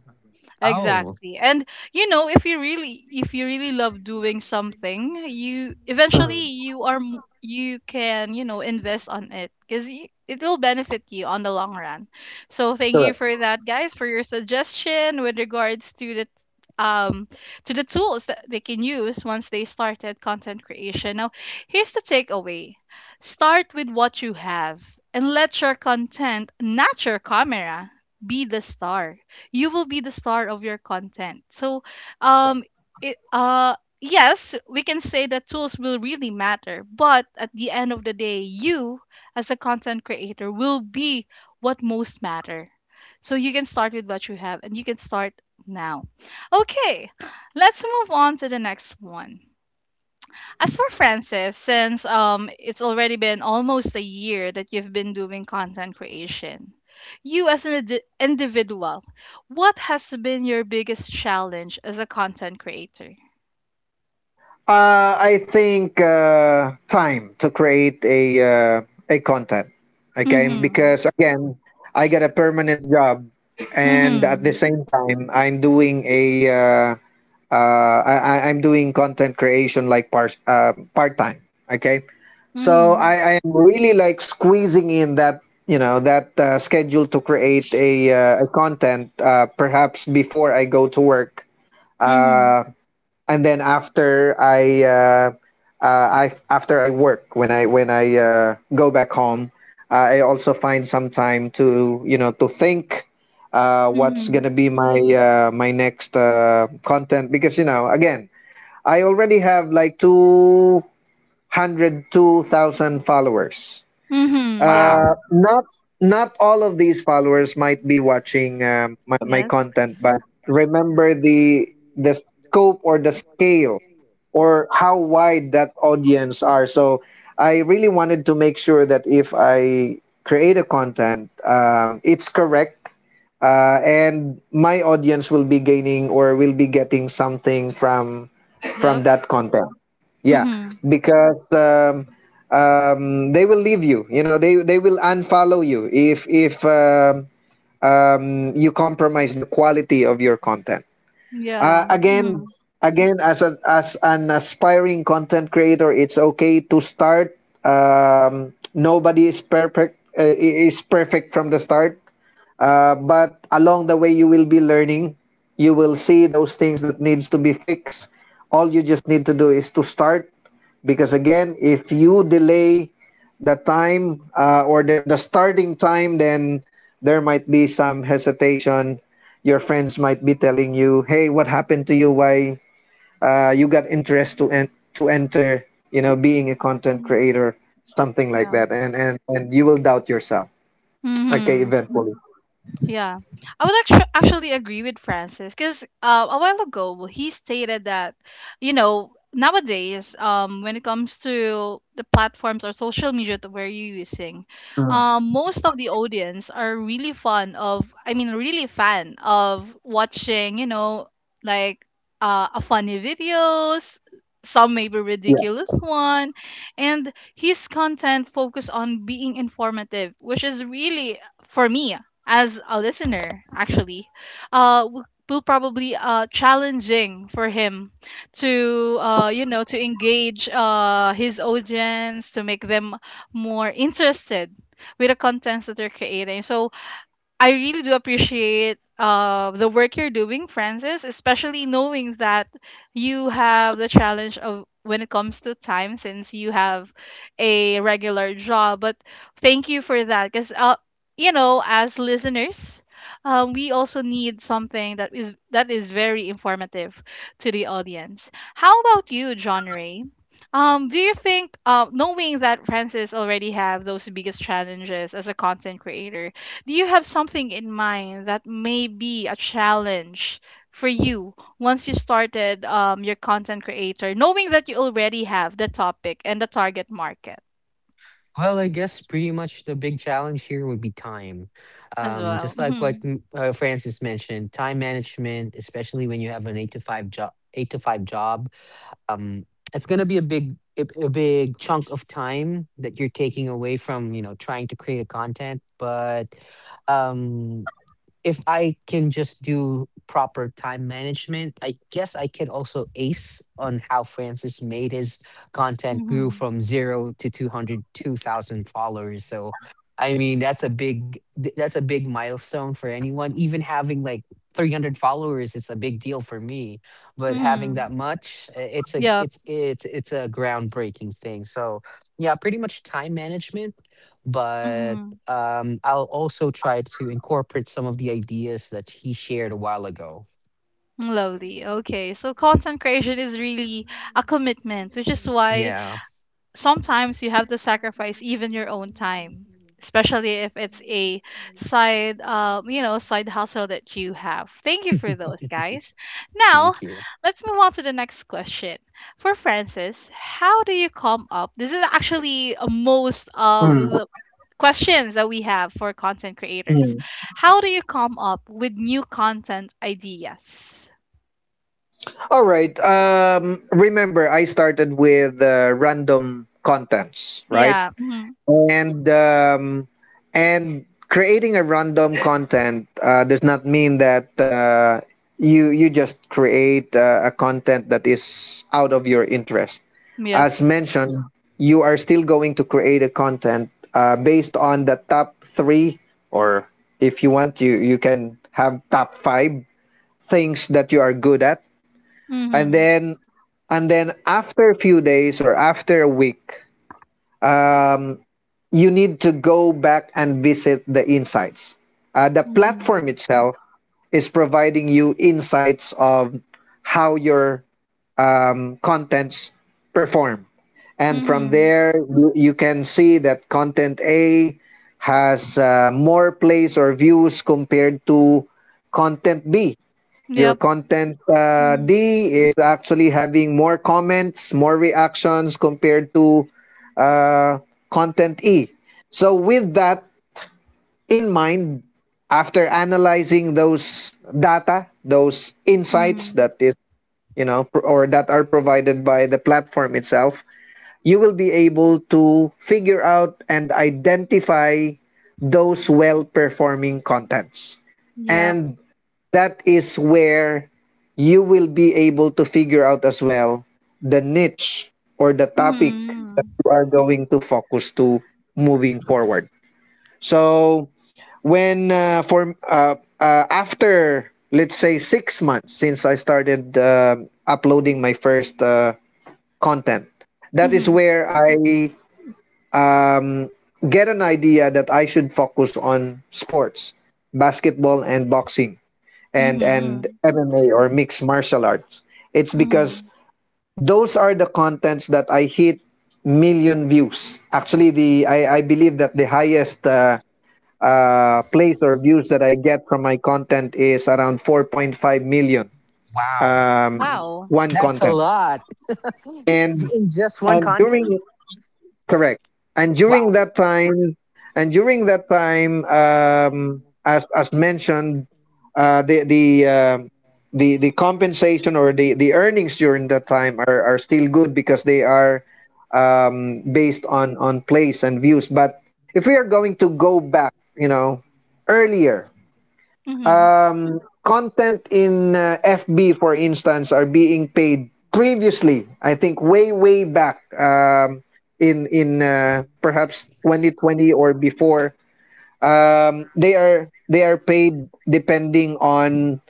S3: Oh,
S1: Exactly. And you know, if you really love doing something, you eventually
S2: Hmm.
S1: you are m- you can, you know, invest on it cuz it will benefit you on the long run. So thank you
S2: Correct.
S1: for that, guys, for your suggestion with regards to the t- um to the tools that they can use once they started content creation. Now, here's the takeaway. Start with what you have, and let your content, not your camera, be the star. You will be the star of your content. So, um, it, yes, we can say that tools will really matter, but at the end of the day, you as a content creator will be what most matter. So you can start with what you have, and you can start now. Okay, let's move on to the next one. As for Francis, since it's already been almost a year that you've been doing content creation, you as an indi- individual, what has been your biggest challenge as a content creator?
S2: I think time to create a content. Okay,
S1: Mhm.
S2: because again, I got a permanent job, and at the
S1: Mhm.
S2: same time, I'm doing a I- I'm doing content creation like part time. Okay, so
S1: Mhm.
S2: I am really like squeezing in that, you know, that schedule to create a content, perhaps before I go to work.
S1: Mhm.
S2: Uh, and then after I work, when I go back home, I also find some time to, you know, to think what's
S1: Mhm.
S2: gonna be my my next content, because you know, again, I already have like two hundred two thousand followers.
S1: Mhm. Yeah.
S3: wow.
S2: Uh, not not all of these followers might be watching my
S1: Yes.
S2: content, but remember the scope, or the scale, or how wide that audience are. So I really wanted to make sure that if I create a content, it's correct, and my audience will be gaining, or will be getting something from
S1: Yep.
S2: from that content. Yeah,
S1: Mhm.
S2: because they will leave you. You know, they will unfollow you if you compromise the quality of your content.
S1: Yeah.
S2: Uh, again,
S1: Mhm.
S2: Again, as an aspiring content creator, it's okay to start. Nobody is perfect from the start. But along the way you will be learning, you will see those things that needs to be fixed. All you just need to do is to start, because again, if you delay the time, or the starting time, then there might be some hesitation. Your friends might be telling you, "Hey, what happened to you? Why you got interest to enter you know, being a content
S1: Mm.
S2: creator?" Something like
S1: Yeah.
S2: that, and you will doubt yourself, okay,
S1: Mhm.
S2: eventually.
S1: Yeah, I would actually agree with Francis because, a while ago he stated that, you know, nowadays, when it comes to the platforms or social media that we're using,
S2: Mm.
S1: most of the audience are really fond of, I mean really fan of watching, you know, like a funny videos. Some maybe ridiculous one, and his content focus on being informative, which is really, for me as a listener, actually uh w- will probably challenging for him to you know, to engage his audience, to make them more interested with the contents that they're creating. So I really do appreciate the work you're doing, Francis, especially knowing that you have the challenge of when it comes to time since you have a regular job. But thank you for that because, you know, as listeners, we also need something that is, that is very informative to the audience. How about you, John Ray? Do you think, knowing that Francis already have those biggest challenges as a content creator, do you have something in mind that may be a challenge for you once you started your content creator, knowing that you already have the topic and the target market
S3: Well, I guess pretty much the big challenge here would be time.
S1: as well?
S3: Just like
S1: Mm-hmm.
S3: what Francis mentioned, time management, especially when you have an eight to five job, um, it's gonna be a big chunk of time that you're taking away from, you know, trying to create a content. But um, if I can just do proper time management, I guess I can also ace on how Francis made his content grew
S1: Mm-hmm.
S3: from 0 to 200, 2,000 followers. So, I mean, that's a big milestone for anyone. Even having like 300 followers is a big deal for me. But having
S1: Mm-hmm.
S3: that much,
S1: Yep.
S3: it's a groundbreaking thing. So yeah, pretty much time management, but
S1: Mm-hmm.
S3: I'll also try to incorporate some of the ideas that he shared a while ago.
S1: Lovely. Okay. So content creation is really a commitment, which is why
S3: Yeah.
S1: sometimes you have to sacrifice even your own time, especially if it's a side, you know, side hustle that you have. Thank you for those, guys. Now
S3: Thank you.
S1: let's move on to the next question. For Francis, how do you come up, this is actually most of
S2: Mm,
S1: the questions that we have for content creators,
S2: mm.
S1: how do you come up with new content ideas?
S2: All right. Remember, I started with random contents, right?
S1: Yeah. Hmm.
S2: And um, and creating a random content does not mean that you just create a content that is out of your interest.
S1: Yep.
S2: As mentioned, you are still going to create a content based on the top three, or if you want, you can have top five things that you are good at, and
S1: Hmm.
S2: then after a few days, or after a week, um, you need to go back and visit the insights. The
S1: Hmm.
S2: platform itself is providing you insights of how your contents perform, and from
S1: Hmm.
S2: there you can see that content A has more plays or views compared to content B. Your
S1: Yep.
S2: content
S1: Mm-hmm.
S2: D is actually having more comments, more reactions compared to uh, content E. So, with that in mind, after analyzing those data, those insights
S1: Mhm.
S2: that is, you know, or that are provided by the platform itself, you will be able to figure out and identify those well performing contents.
S1: Yep.
S2: And that is where you will be able to figure out as well the niche or the topic that
S1: Mhm.
S2: you are going to focus to moving forward. So when for after let's say 6 months since I started uploading my first content, that is
S1: Mhm.
S2: where I um, get an idea that I should focus on sports, basketball and boxing, and
S1: Mhm.
S2: MMA, or mixed martial arts. It's because
S1: Mhm.
S2: those are the contents that I hit million views. Actually, I believe that the highest place or views that I get from my content is around 4.5 million.
S3: Wow,
S2: Um,
S1: Wow.
S2: One
S3: that's a
S2: content.
S3: lot.
S2: and
S3: In just one
S2: and during —
S3: content.
S2: correct — and during
S3: Wow.
S2: that time, and during that time, as mentioned, uh, the the um the compensation, or the earnings during that time are still good because they are based on place and views. But if we are going to go back, you know, earlier,
S1: Mhm.
S2: content in FB, for instance, are being paid previously. I think way back, in perhaps 2020 or before. They are paid depending on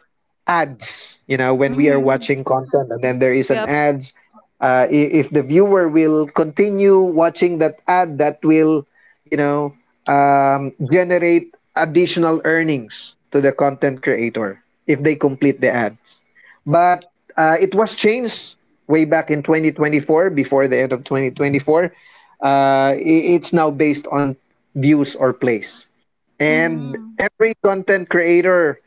S2: ads. You know, when we are
S1: Mhm.
S2: watching content and then there is an
S1: Yep.
S2: ads, if the viewer will continue watching that ad, that will, you know, generate additional earnings to the content creator if they complete the ad. But it was changed way back in 2024, before the end of 2024, it's now based on views or plays. And
S1: Mhm.
S2: every content creator,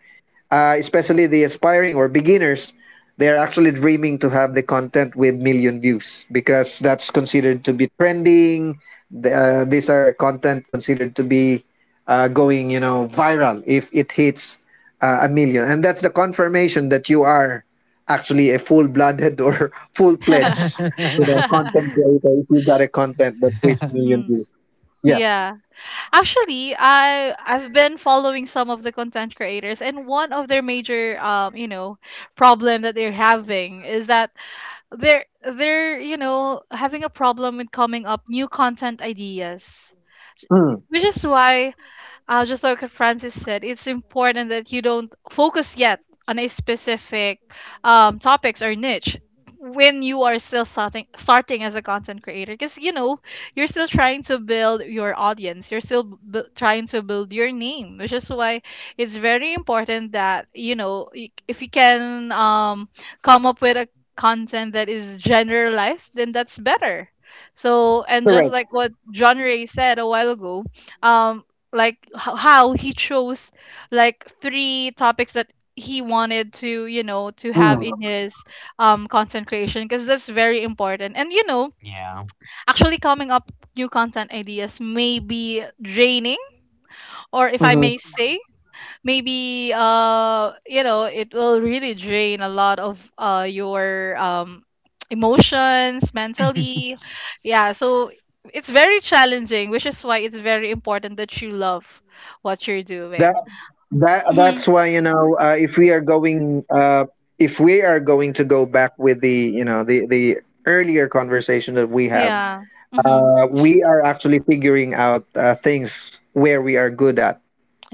S2: especially the aspiring or beginners, they're actually dreaming to have the content with million views because that's considered to be trending. These are content considered to be going, you know, viral if it hits a million, and that's the confirmation that you are actually a full-blooded or full-pledged, you know, content creator if you got a content that reached million
S1: Mhm.
S2: views. Yeah.
S1: Yeah. Actually, I've been following some of the content creators, and one of their major, you know, problem that they're having is that they're, you know, having a problem with coming up new content ideas.
S2: Mm.
S1: Which is why, just like what Francis said, it's important that you don't focus yet on a specific topics or niche when you are still starting as a content creator, because you know you're still trying to build your audience, you're still b- trying to build your name, which is why it's very important that, you know, y- if you can come up with a content that is generalized, then that's better. So, and just
S2: Correct.
S1: like what John Ray said a while ago, um like h- how he chose like three topics that he wanted to, you know, to have
S2: Mm.
S1: in his content creation, because that's very important. And you know,
S3: Yeah.
S1: actually coming up new content ideas may be draining, or if I
S2: Hmm.
S1: may say, maybe you know, it will really drain a lot of your emotions mentally. Yeah, so it's very challenging, which is why it's very important that you love what you're
S2: That
S1: doing.
S2: that
S1: Mhm.
S2: that's why, you know, if we are going to go back with the, you know, the earlier conversation that we have,
S1: Yeah. Mhm.
S2: we are actually figuring out things where we are good at,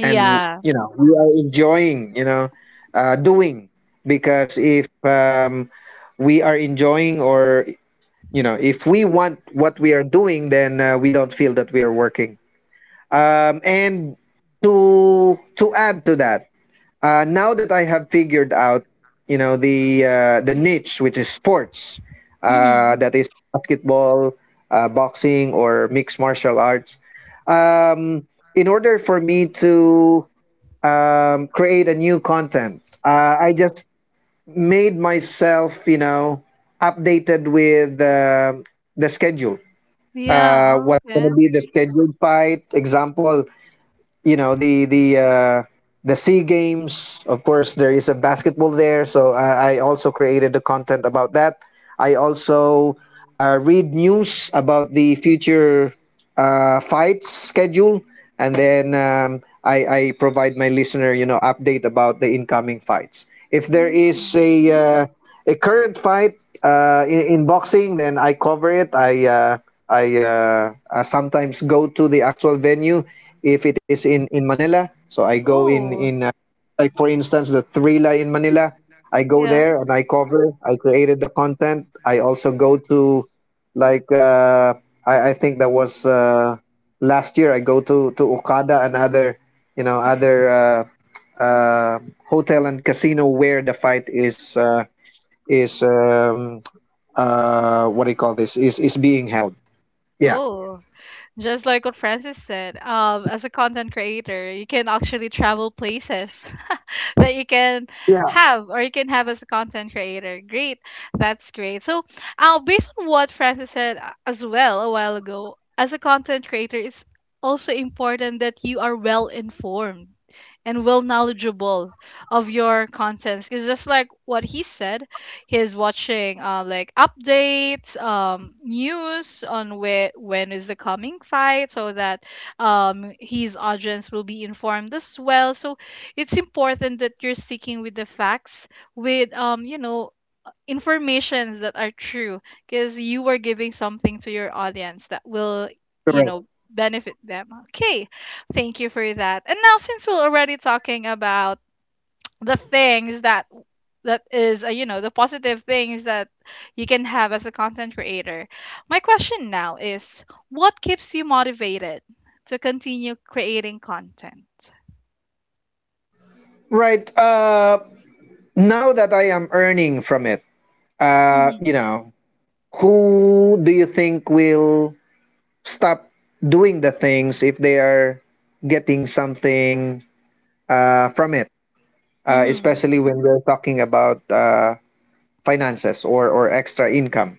S2: and you know, we are enjoying, you know, doing. Because if we are enjoying, or you know, if we want what we are doing, then we don't feel that we are working. And to add to that, now that I have figured out, you know, the niche, which is sports,
S1: Mhm.
S2: that is basketball, boxing, or mixed martial arts. Um, in order for me to create a new content, I just made myself, you know, updated with the schedule.
S1: Yeah.
S2: What's
S1: Okay.
S2: gonna be the scheduled fight? Example, you know, the Sea Games. Of course there is a basketball there, so I also created the content about that. I also read news about the future fights schedule, and then I provide my listener, you know, update about the incoming fights. If there is
S1: Mhm.
S2: a current fight in boxing, then I cover it. I sometimes go to the actual venue if it is in Manila. So I go in
S1: Ooh.
S2: in like, for instance, the Thrilla in Manila. I go
S1: Yeah.
S2: there and I cover. I created the content. I also go to, like, I think that was last year. I go to Okada and other, you know, other. Uh, hotel and casino where the fight is what do you call this is being held. yeah
S1: Oh, just like what Francis said, as a content creator, you can actually travel places. that you can
S2: yeah
S1: have or you can have as a content creator. Great. That's great. So, based on what Francis said as well a while ago, as a content creator, it's also important that you are well informed and well knowledgeable of your contents, because just like what he said, he's watching like updates, news on where, when is the coming fight, so that his audience will be informed as well. So it's important that you're sticking with the facts, with, you know, informations that are true, because you are giving something to your audience that will, you
S2: Correct.
S1: know, benefit them. Okay, thank you for that. And now, since we're already talking about the things that is, you know, the positive things that you can have as a content creator, my question now is, what keeps you motivated to continue creating content?
S2: Right. Now that I am earning from it, uh
S1: Mm-hmm.
S2: you know who do you think will stop doing the things if they are getting something from it?
S1: Mm-hmm.
S2: Especially when we're talking about finances or extra income.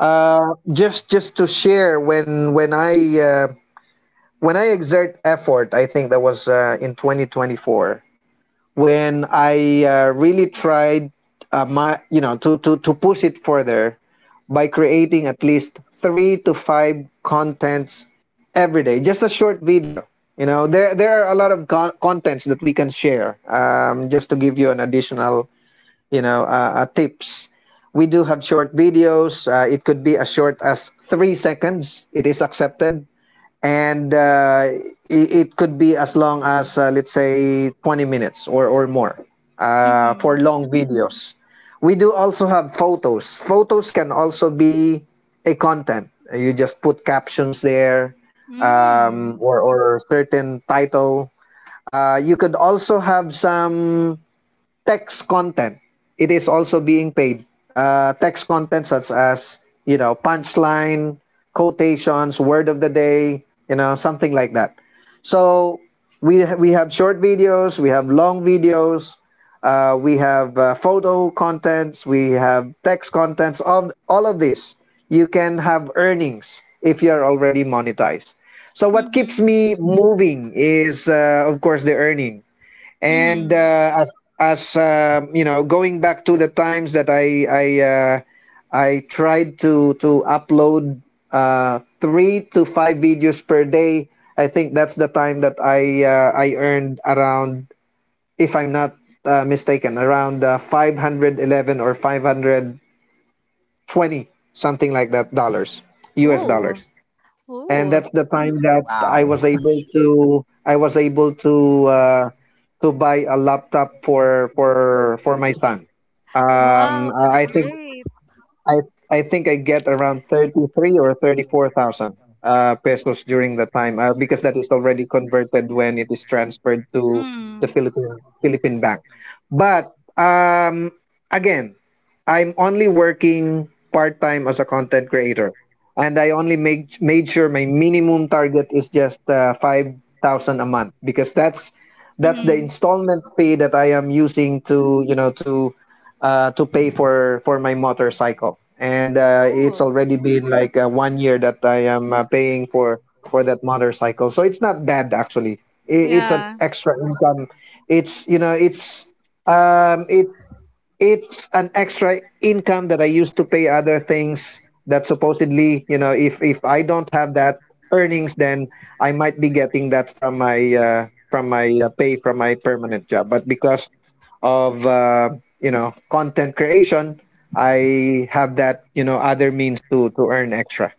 S2: uh just to share, uh, when I exert effort, I think that was in 2024 when I really tried my you know to, to push it further by creating at least three to five contents every day, just a short video. You know, there are a lot of contents that we can share. Just to give you an additional tips. We do have short videos. It could be as short as 3 seconds. It is accepted, and it could be as long as let's say 20 minutes or more, for
S1: Mhm.
S2: long videos. We do also have photos. Photos can also be a content. You just put captions there,
S1: Mm.
S2: or certain title. You could also have some text content. It is also being paid. Text content such as, you know, punchline, quotations, word of the day, you know, something like that. So we have short videos, we have long videos, we have photo contents, we have text contents. Of all of this, you can have earnings if you are already monetized. So what keeps
S1: Mhm.
S2: me moving is, of course, the earning. And
S1: Mhm.
S2: as you know, going back to the times that I tried to upload three to five videos per day, I think that's the time that I earned around, if I'm not mistaken, around 511 or 520, something like that, dollars. US
S1: Ooh.
S2: dollars. And
S1: Ooh.
S2: that's the time that
S3: Wow.
S2: I was able to buy a laptop for for my son. Um,
S1: Wow, that's
S2: I I think
S1: great.
S2: I I think I get around 33 or 34,000 pesos during the time, because that is already converted when it is transferred to the
S1: Mm.
S2: Philippine bank. But again, I'm only working part time as a content creator, and I only made sure my minimum target is just 5,000 a month, because that's the
S1: Mhm.
S2: installment fee that I am using to, you know, to pay for my motorcycle. And it's
S1: Ooh.
S2: already been like 1 year that I am paying for that motorcycle, so it's not bad actually. I, it's an
S1: Yeah.
S2: extra income. It's you know it's um it it's an extra income that I use to pay other things that, supposedly, you know, if I don't have that earnings, then I might be getting that from my pay from my permanent job. But because of content creation, I have that, you know, other means to earn extra.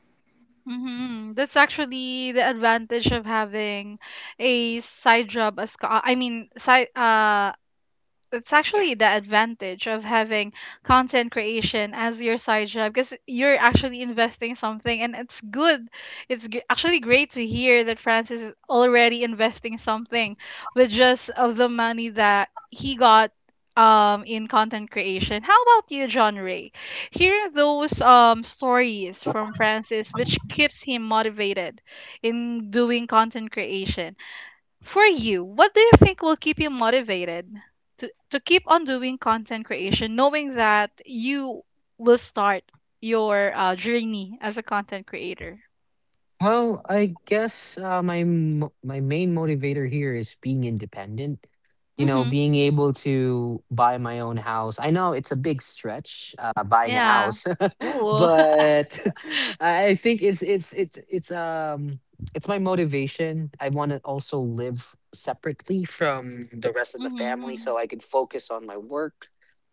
S1: Mhm. That's actually the advantage of having a side job as co- I mean side, that's actually the advantage of having content creation as your side job, because you're actually investing something, and it's good, actually great to hear that Francis is already investing something with just of the money that he got, in content creation. How about you, John Ray? Hearing those stories from Francis which keeps him motivated in doing content creation, for you, what do you think will keep you motivated to keep on doing content creation, knowing that you will start your journey as a content creator?
S3: Well, I guess my main motivator here is being independent. You know,
S1: Mm-hmm.
S3: being able to buy my own house. I know it's a big stretch, buying a
S1: Yeah.
S3: house,
S1: Cool.
S3: but I think it's my motivation. I want to also live separately from the rest of the family,
S1: Mm-hmm.
S3: so I could focus on my work.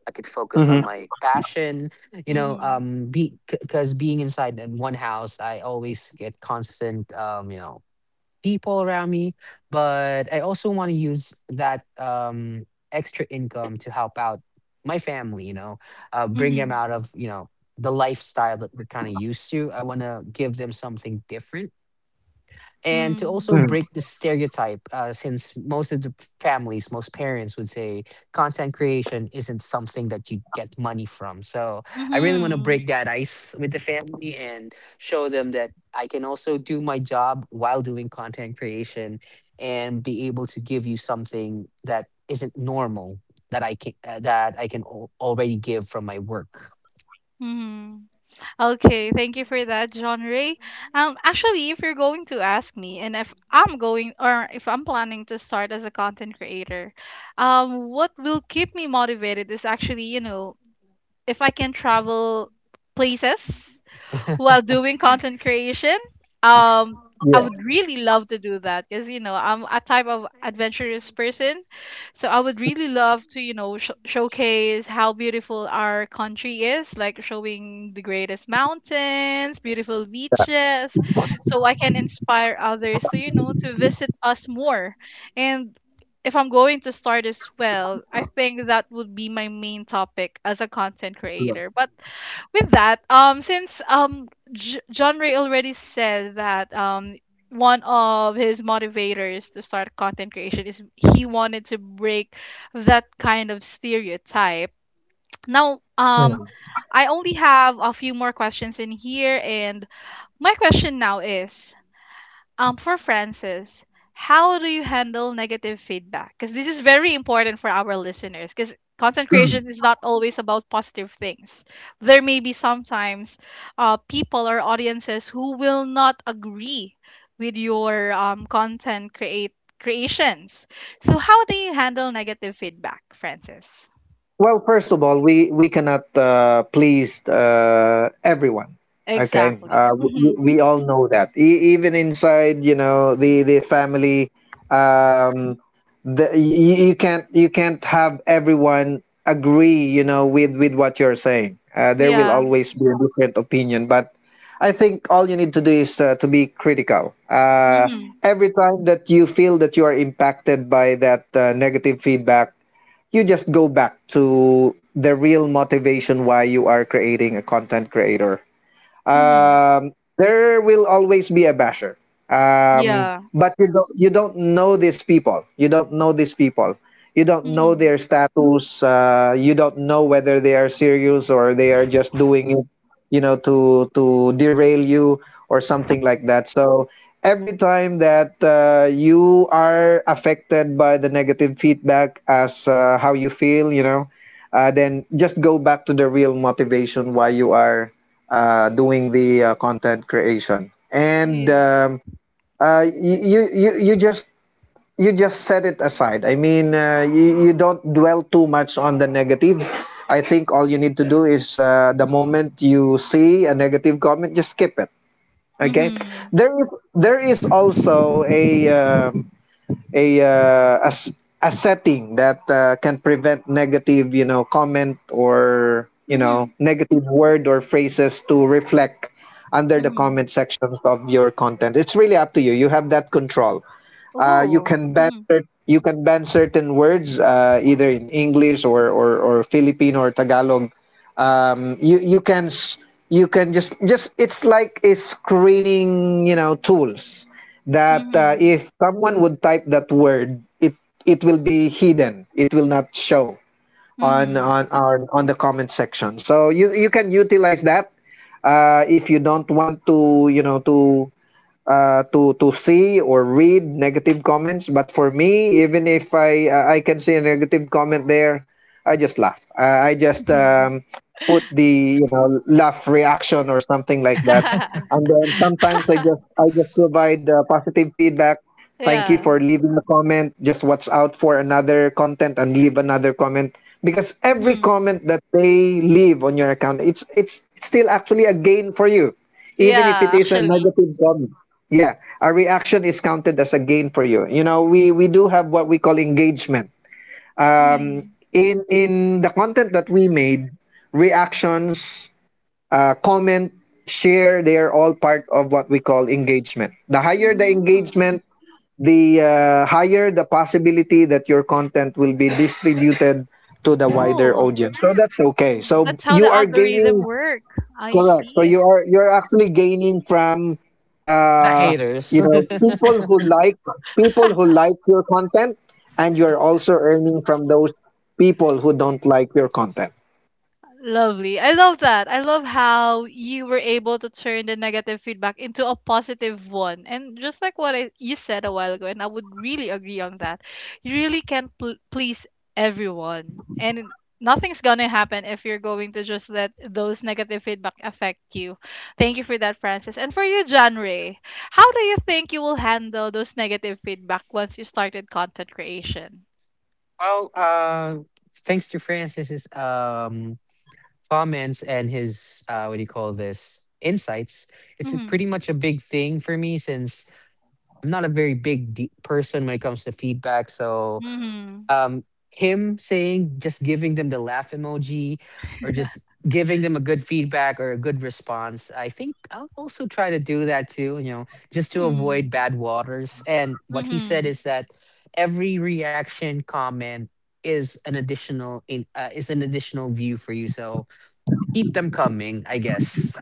S3: I could focus
S2: Mm-hmm.
S3: on my passion, you know,
S1: Mm-hmm.
S3: be because being inside in one house, I always get constant, you know, people around me. But I also want to use that extra income to help out my family, you know, bring
S1: Mm-hmm.
S3: them out of, you know, the lifestyle that we're kind of used to. I want to give them something different, and to also
S2: Mm-hmm.
S3: break the stereotype, since most of the families, most parents would say content creation isn't something that you get money from. So I really want to
S1: Mm-hmm.
S3: break that ice with the family and show them that I can also do my job while doing content creation, and be able to give you something that isn't normal, that I can already give from my work.
S1: Mm-hmm. Okay, thank you for that, John Ray. Actually, if you're going to ask me, and if I'm going or if I'm planning to start as a content creator, what will keep me motivated is actually, you know, if I can travel places while
S3: The
S1: doing content creation. Um, I
S2: Yeah.
S1: would really love to do that because, you know, I'm a type of adventurous person, so I would really love to, you know, sh- showcase how beautiful our country is, like showing the greatest mountains, beautiful beaches, so I can inspire others to, you know, to visit us more. And if I'm going to start as well, I think that would be my main topic as a content creator. But with that, since John Ray already said that, one of his motivators to start content creation is he wanted to break that kind of stereotype. Now,
S2: Mm-hmm.
S1: I only have a few more questions in here, and my question now is, for Francis, how do you handle negative feedback? Because this is very important for our listeners. Because content creation is not always about positive things. There may be sometimes people or audiences who will not agree with your content create creations. So how do you handle negative feedback, Francis?
S2: Well, first of all, we cannot please everyone. Okay,
S1: Exactly.
S2: uh,
S1: Mm-hmm.
S2: we, we all know that. Even inside, you know, the family, um, the you can't have everyone agree, you know, with what you're saying. There will
S1: Yeah.
S2: always be a different opinion, but I think all you need to do is to be critical.
S1: Mm-hmm.
S2: Every time that you feel that you are impacted by that negative feedback, you just go back to the real motivation why you are creating a content creator.
S1: Mm-hmm.
S2: Um, there will always be a basher,
S1: Yeah.
S2: but you don't know these people. You don't know these people. You don't know their
S1: Mm-hmm.
S2: status. You don't know whether they are serious or they are just doing it, you know, to derail you or something like that. So every time that you are affected by the negative feedback, as how you feel, you know, then just go back to the real motivation why you are doing the content creation. And
S1: Yeah.
S2: you, you you you just set it aside. I mean, you don't dwell too much on the negative. I think all you need to do is, the moment you see a negative comment, just skip it. Okay,
S1: Mm-hmm.
S2: there is also a a, uh, a s- a setting that can prevent negative, you know, comment or you know
S1: Mm-hmm.
S2: negative word or phrases to reflect under the
S1: Mm-hmm.
S2: comment sections of your content. It's really up to you. You have that control. You
S1: Oh.
S2: can
S1: Mhm.
S2: you can ban certain words either in English or Filipino or Tagalog. You can you can just it's like a screening, you know, tools that
S1: Mhm.
S2: if someone would type that word, it will be hidden, it will not show on the comment section. So you can utilize that if you don't want to, you know, to see or read negative comments. But for me, even if I can see a negative comment there, I just laugh. I just
S1: Mhm.
S2: put the, you know, laugh reaction or something like that. And then sometimes I just provide positive feedback. Thank you
S1: Yeah.
S2: for leaving a comment. Just watch out for another content and leave another comment, because every
S1: Mhm.
S2: comment that they leave on your account, it's still actually a gain for you, even if it
S1: Yeah,
S2: is a
S1: actually.
S2: negative comment. Yeah, a reaction is counted as a gain for you. You know, we do have what we call engagement. Um,
S1: Mhm.
S2: in the content that we made, reactions, comment, share, they are all part of what we call engagement. The higher the
S1: Mhm.
S2: engagement, the higher the possibility that your content will be distributed to the wider
S1: Oh,
S2: audience. So that's okay. So
S1: that's how the
S2: you are
S1: algorithm
S2: gaining.
S1: work. I
S2: Correct. So
S1: see.
S2: you're actually gaining from, uh
S3: haters.
S2: people who like, people who like your content, and you're also earning from those people who don't like your content.
S1: Lovely. I love that. I love how you were able to turn the negative feedback into a positive one. And just like what you said a while ago, and I would really agree on that, you really can't pl- please everyone. And nothing's going to happen if you're going to just let those negative feedback affect you. Thank you for that, Francis. And for you, John Ray, how do you think you will handle those negative feedback once you started content creation?
S3: Well, thanks to Francis's comments, and his what do you call this, insights.
S1: Mm-hmm.
S3: Pretty much a big thing for me, since I'm not a very big person when it comes to feedback, so
S1: Mm-hmm.
S3: um him saying just giving them the laugh emoji, or just giving them a good feedback or a good response, I think I'll also try to do that too, you know, just to avoid bad waters. And what he said
S1: Mm-hmm.
S3: is that every reaction comment is an additional in is an additional view for you, so keep them coming, I guess.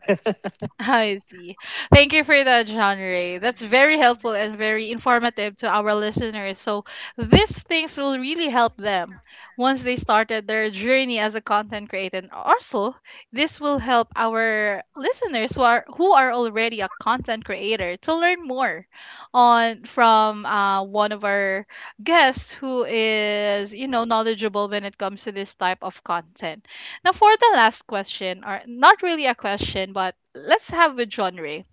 S1: I see. Thank you for that, John Ray. That's very helpful and very informative to our listeners. So these things will really help them once they started their journey as a content creator. And also, this will help our listeners who are already a content creator to learn more on from, one of our guests who is, you know, knowledgeable when it comes to this type of content. Now, for the last question, or not really a question, but let's have with John Ray.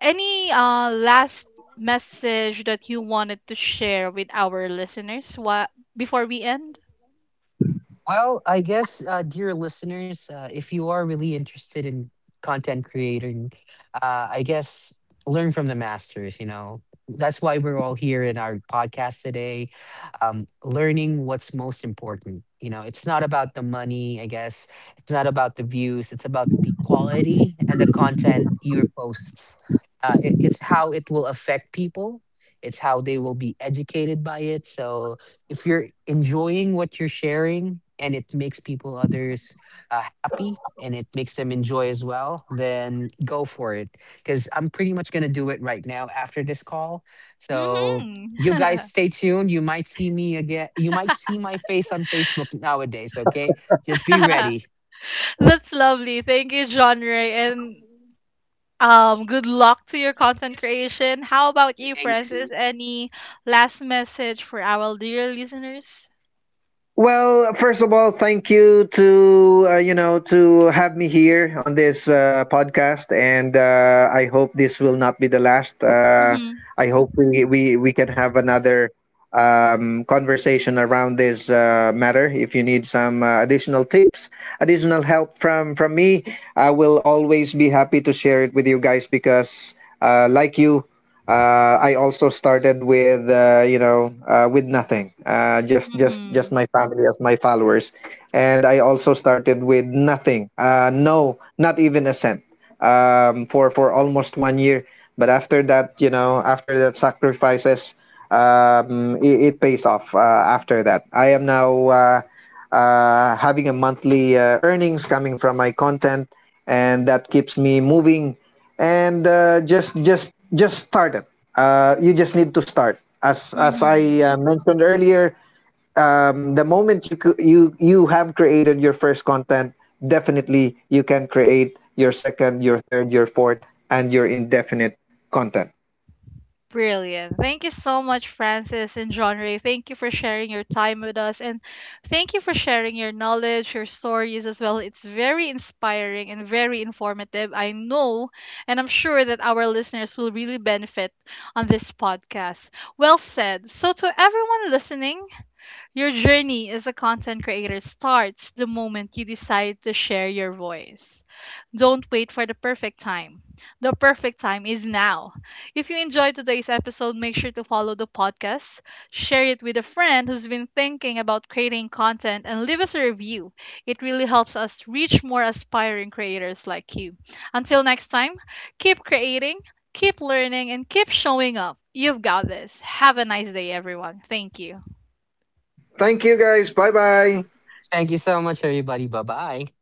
S1: Any last message that you wanted to share with our listeners, what, before we end?
S3: Well, I guess, dear listeners, if you are really interested in content creating, I guess learn from the masters, you know. That's why we're all here in our podcast today, learning what's most important. You know, it's not about the money, I guess. It's not about the views. It's about the quality and the content your posts. It's how it will affect people. It's how they will be educated by it. So if you're enjoying what you're sharing, and it makes people others happy and it makes them enjoy as well, then go for it, because I'm pretty much going to do it right now after this call. So
S1: Hmm.
S3: you guys stay tuned. You might see me again. You might see my face on Facebook nowadays. Okay, just be ready.
S1: That's lovely. Thank you, John Ray, and good luck to your content creation. How about you,
S3: Thank
S1: Francis?
S3: you.
S1: Any last message for our dear listeners?
S2: Well, first of all, thank you to, to have me here on this podcast, and I hope this will not be the last.
S1: Mm-hmm.
S2: I hope we can have another conversation around this matter. If you need some additional tips, additional help from me, I will always be happy to share it with you guys, because, like you, I also started with with nothing, just
S1: Mm-hmm.
S2: my family as my followers, and I also started with nothing, no, not even a cent, for almost 1 year. But after that, you know, after that sacrifices, it, it pays off after that. I am now having a monthly earnings coming from my content, and that keeps me moving. And just start it. You just need to start. As I
S1: Mm-hmm.
S2: mentioned earlier, the moment you you have created your first content, definitely you can create your second, your third, your fourth, and your indefinite content.
S1: Brilliant. Thank you so much, Francis and John Ray. Thank you for sharing your time with us. And thank you for sharing your knowledge, your stories as well. It's very inspiring and very informative. I know, and I'm sure that our listeners will really benefit on this podcast. Well said. So, to everyone listening, your journey as a content creator starts the moment you decide to share your voice. Don't wait for the perfect time. The perfect time is now. If you enjoyed today's episode, make sure to follow the podcast, share it with a friend who's been thinking about creating content, and leave us a review. It really helps us reach more aspiring creators like you. Until next time, keep creating, keep learning, and keep showing up. You've got this. Have a nice day, everyone. Thank you.
S2: Thank you guys. Bye bye.
S3: Thank you so much, everybody. Bye bye.